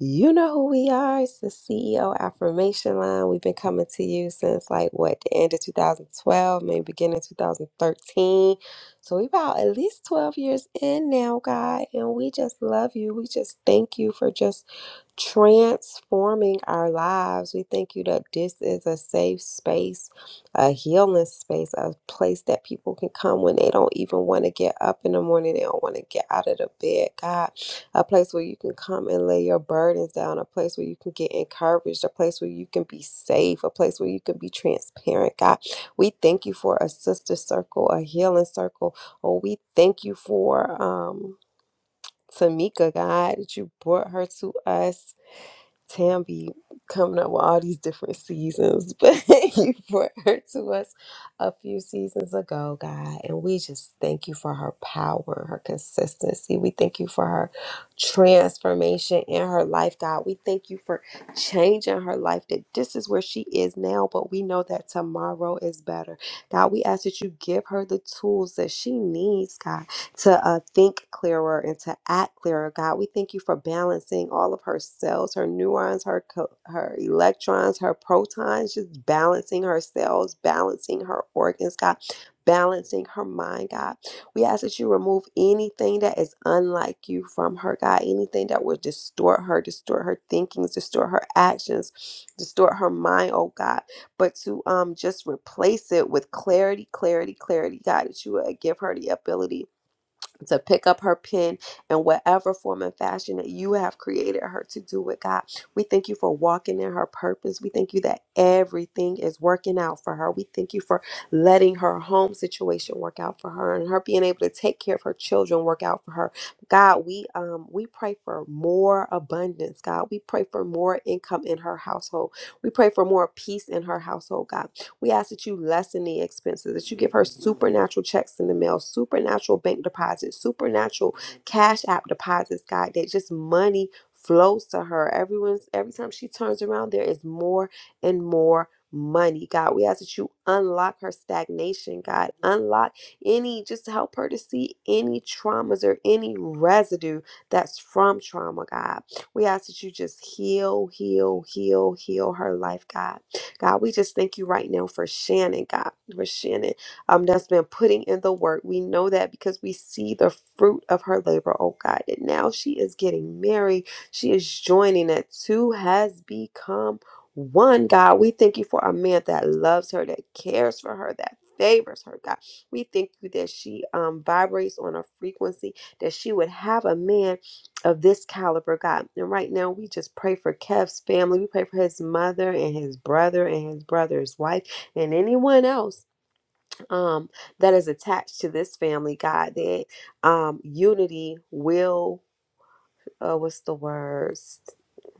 you know who we are. It's the CEO Affirmation Line. We've been coming to you since like what, the end of 2012, maybe beginning 2013. So we about at least 12 years in now, God. And we just love you. We just thank you for just transforming our lives. We thank you that this is a safe space, a healing space, a place that people can come when they don't even want to get up in the morning. They don't want to get out of the bed, God a place where you can come and lay your burdens down, a place where you can get encouraged, a place where you can be safe, a place where you can be transparent. God, we thank you for a sister circle, a healing circle. Oh, we thank you for um Tamika, God, that you brought her to us Tam be coming up with all these different seasons, but you brought her to us a few seasons ago, God, and we just thank you for her power, her consistency. We thank you for her transformation in her life, God. We thank you for changing her life that this is where she is now, but we know that tomorrow is better. God, we ask that you give her the tools that she needs, God to uh, think clearer and to act clearer. God, we thank you for balancing all of her cells, her neurons, her co- her electrons, her protons, just balancing her cells, balancing her organs, God, balancing her mind, God. We ask that you remove anything that is unlike you from her, God, anything that would distort her, distort her thinkings, distort her actions, distort her mind, oh God but to um just replace it with clarity, clarity, clarity, God, that you would give her the ability to pick up her pen in whatever form and fashion that you have created her to do with God. We thank you for walking in her purpose. We thank you that everything is working out for her. We thank you for letting her home situation work out for her and her being able to take care of her children work out for her. God, we um we pray for more abundance, God. We pray for more income in her household. We pray for more peace in her household, God. We ask that you lessen the expenses, that you give her supernatural checks in the mail, supernatural bank deposits, supernatural cash app deposits, God, that just money flows to her. Everyone's every time she turns around, there is more and more money. God, we ask that you unlock her stagnation, God. Unlock any, just help her to see any traumas or any residue that's from trauma, God. We ask that you just heal, heal, heal, heal her life, God. God, we just thank you right now for Shannon, God, for Shannon um, that's been putting in the work. We know that because we see the fruit of her labor, oh God. And now she is getting married. She is joining that two has become one, God. We thank you for a man that loves her, that cares for her, that favors her, God. We thank you that she um, vibrates on a frequency that she would have a man of this caliber, God. And right now, we just pray for Kev's family. We pray for his mother and his brother and his brother's wife and anyone else um, that is attached to this family, God. That um, unity will, uh, what's the word?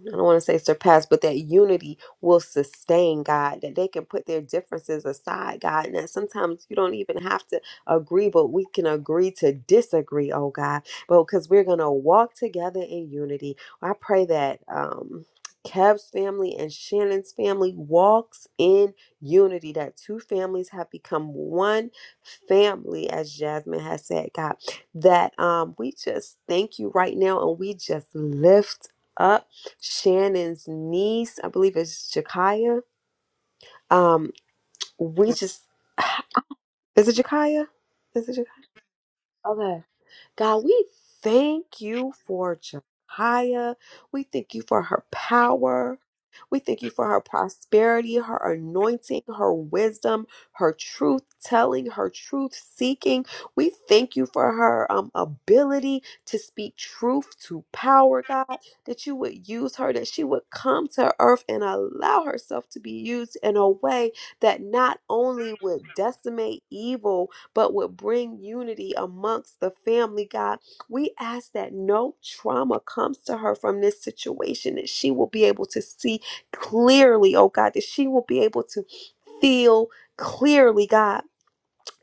I don't want to say surpass, but that unity will sustain God, that they can put their differences aside, God, and that sometimes you don't even have to agree, but we can agree to disagree, oh God, but because we're going to walk together in unity. I pray that um, Kev's family and Shannon's family walks in unity, that two families have become one family, as Jasmine has said, God, that um, we just thank you right now and we just lift up. Shannon's niece, I believe it's Jakaya. Um, we just is it Jakaya? Is it Jakaya? God, we thank you for Jekiah. We thank you for her power. We thank you for her prosperity, her anointing, her wisdom, her truth telling, her truth seeking. We thank you for her um, ability to speak truth to power, God, that you would use her, that she would come to earth and allow herself to be used in a way that not only would decimate evil but will bring unity amongst the family, God. We ask that no trauma comes to her from this situation, that she will be able to see clearly, oh God, that she will be able to feel clearly, God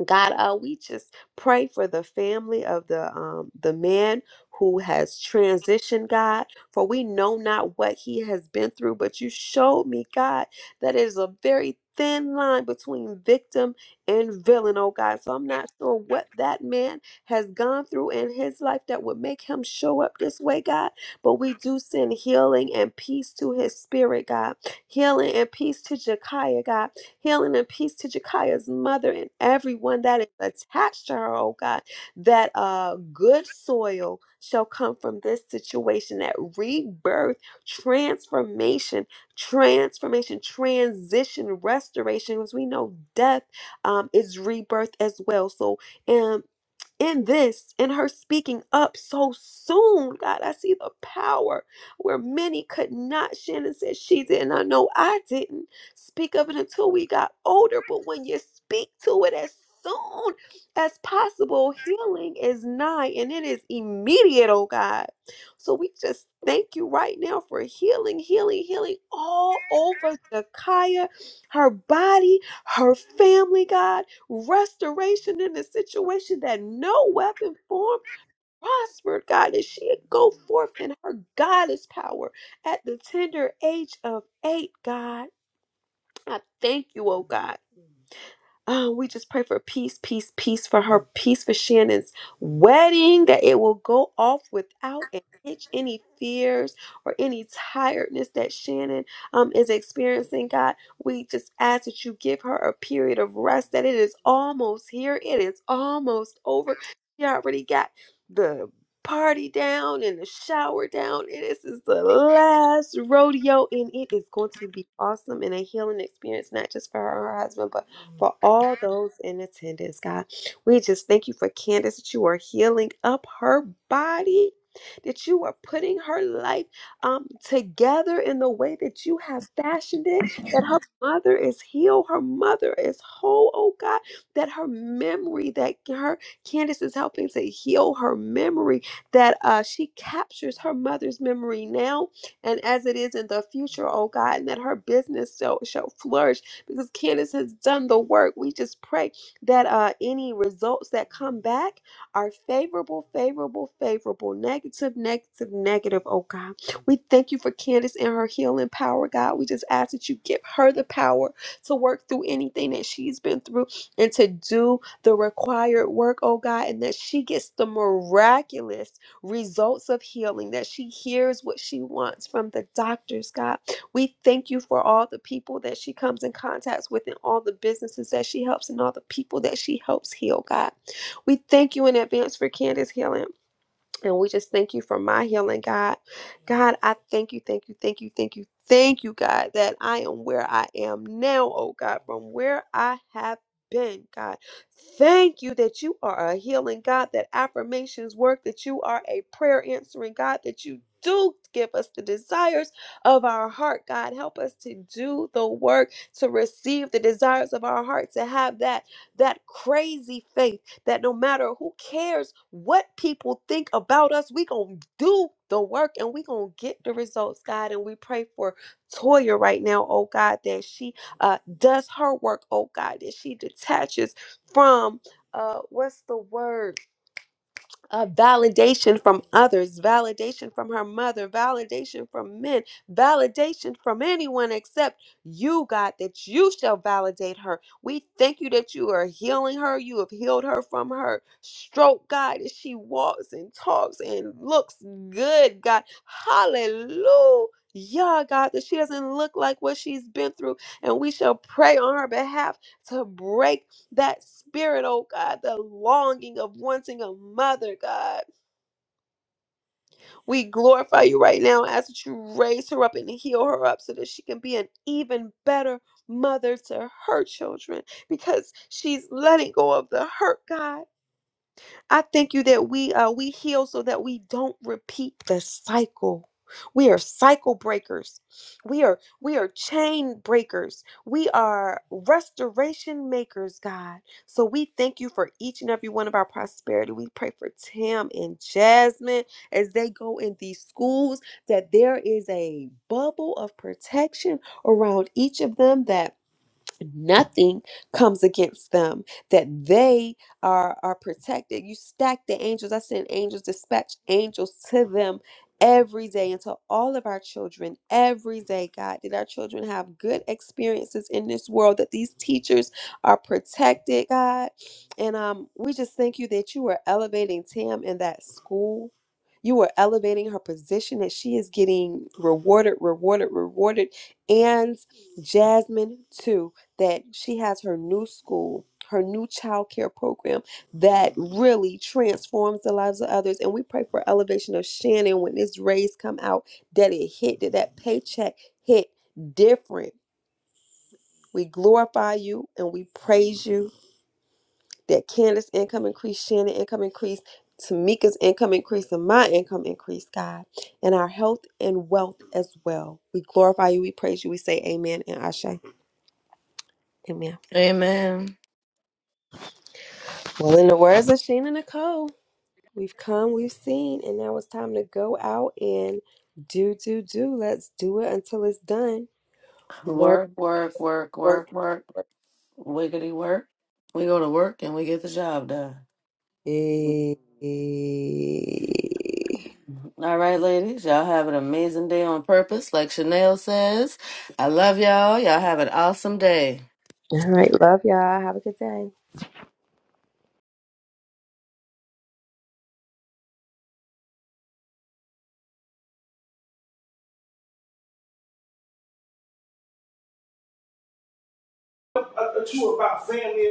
God, uh, we just pray for the family of the um, the man who has transitioned, God. For we know not what he has been through, but you showed me, God, that it is a very thin line between victim and villain, oh God. So I'm not sure what that man has gone through in his life that would make him show up this way, God. But we do send healing and peace to his spirit, God. Healing and peace to Jekiah, God Healing and peace to Jekiah's mother and everyone that is attached to her, oh God, that uh, good soil shall come from this situation, that rebirth, transformation, transformation, transition, restoration, because we know death um, is rebirth as well. So, um in this, in her speaking up so soon, God, I see the power where many could not. Shannon said she didn't. I know I didn't speak of it until we got older. But when you speak to it as soon as possible, healing is nigh and it is immediate, oh God. So we just thank you right now for healing, healing, healing all over Jakaya, her body, her family, God restoration in the situation that no weapon formed prospered, God, that she'd go forth in her goddess power at the tender age of eight, God. I thank you, oh God. Uh, we just pray for peace, peace, peace for her, peace for Shannon's wedding, that it will go off without a hitch, any fears or any tiredness that Shannon um, is experiencing. God, we just ask that you give her a period of rest, that it is almost here, it is almost over. She already got the party down and the shower down, and this is the last rodeo, and it is going to be awesome and a healing experience, not just for her, and her husband, but for all those in attendance, God. We just thank you for Candace that you are healing up her body, that you are putting her life um, together in the way that you have fashioned it, that her mother is healed, her mother is whole, oh God, that her memory, that her Candace is helping to heal her memory, that uh, she captures her mother's memory now and as it is in the future, oh God, and that her business shall, shall flourish because Candace has done the work. We just pray that uh, any results that come back are favorable, favorable, favorable, negative, negative, negative, oh God. We thank you for Candace and her healing power, God. We just ask that you give her the power to work through anything that she's been through and to do the required work, oh God, and that she gets the miraculous results of healing, that she hears what she wants from the doctors, God we thank you for all the people that she comes in contact with and all the businesses that she helps and all the people that she helps heal, God. We thank you in advance for Candace healing. And we just thank you for my healing, God. God, I thank you, thank you, thank you, thank you, thank you, God, that I am where I am now, oh God, from where I have been, God. Thank you that you are a healing God, that affirmations work, that you are a prayer answering God, that you do give us the desires of our heart, God. Help us to do the work, to receive the desires of our heart, to have that that crazy faith that no matter who cares what people think about us, we going to do the work and we going to get the results, God. And we pray for Toya right now, oh God, that she uh, does her work, oh God, that she detaches from uh, what's the word? uh, validation from others, validation from her mother, validation from men, validation from anyone except you, God, that you shall validate her. We thank you that you are healing her. You have healed her from her stroke, God, as she walks and talks and looks good, God. Hallelujah. God, that she doesn't look like what she's been through, and we shall pray on her behalf to break that spirit, oh God, the longing of wanting a mother, God. We glorify you right now ask that you raise her up and heal her up so that she can be an even better mother to her children because she's letting go of the hurt, God. I thank you that we uh, we heal so that we don't repeat the cycle. We are cycle breakers. We are we are chain breakers. We are restoration makers, God. So we thank you for each and every one of our prosperity. We pray for Tim and Jasmine as they go in these schools that there is a bubble of protection around each of them that nothing comes against them that they are are protected you stack the angels i send angels dispatch angels to them every day and to all of our children every day god that our children have good experiences in this world that these teachers are protected god and um we just thank you that you are elevating tam in that school you are elevating her position that she is getting rewarded rewarded rewarded and Jasmine too that she has her new school, her new child care program that really transforms the lives of others. And we pray for elevation of Shannon when this raise come out, that it hit, that that paycheck hit different. We glorify you and we praise you that Candace income increase, Shannon income increase, Tamika's income increase, and my income increase, God, and our health and wealth as well. We glorify you, we praise you, we say amen and Ashe. Amen. Amen. Well, in the words of Sheena Nicole. We've come, we've seen, and now it's time to go out and do, do, do. Let's do it until it's done. Work, Work, work, work, work, work, work. work. Wiggity work. We go to work and we get the job done. Eh. All right, ladies, y'all have an amazing day on purpose. Like Chanel says, I love y'all. Y'all have an awesome day. All right. Love y'all. Have a good day. A, a tour about family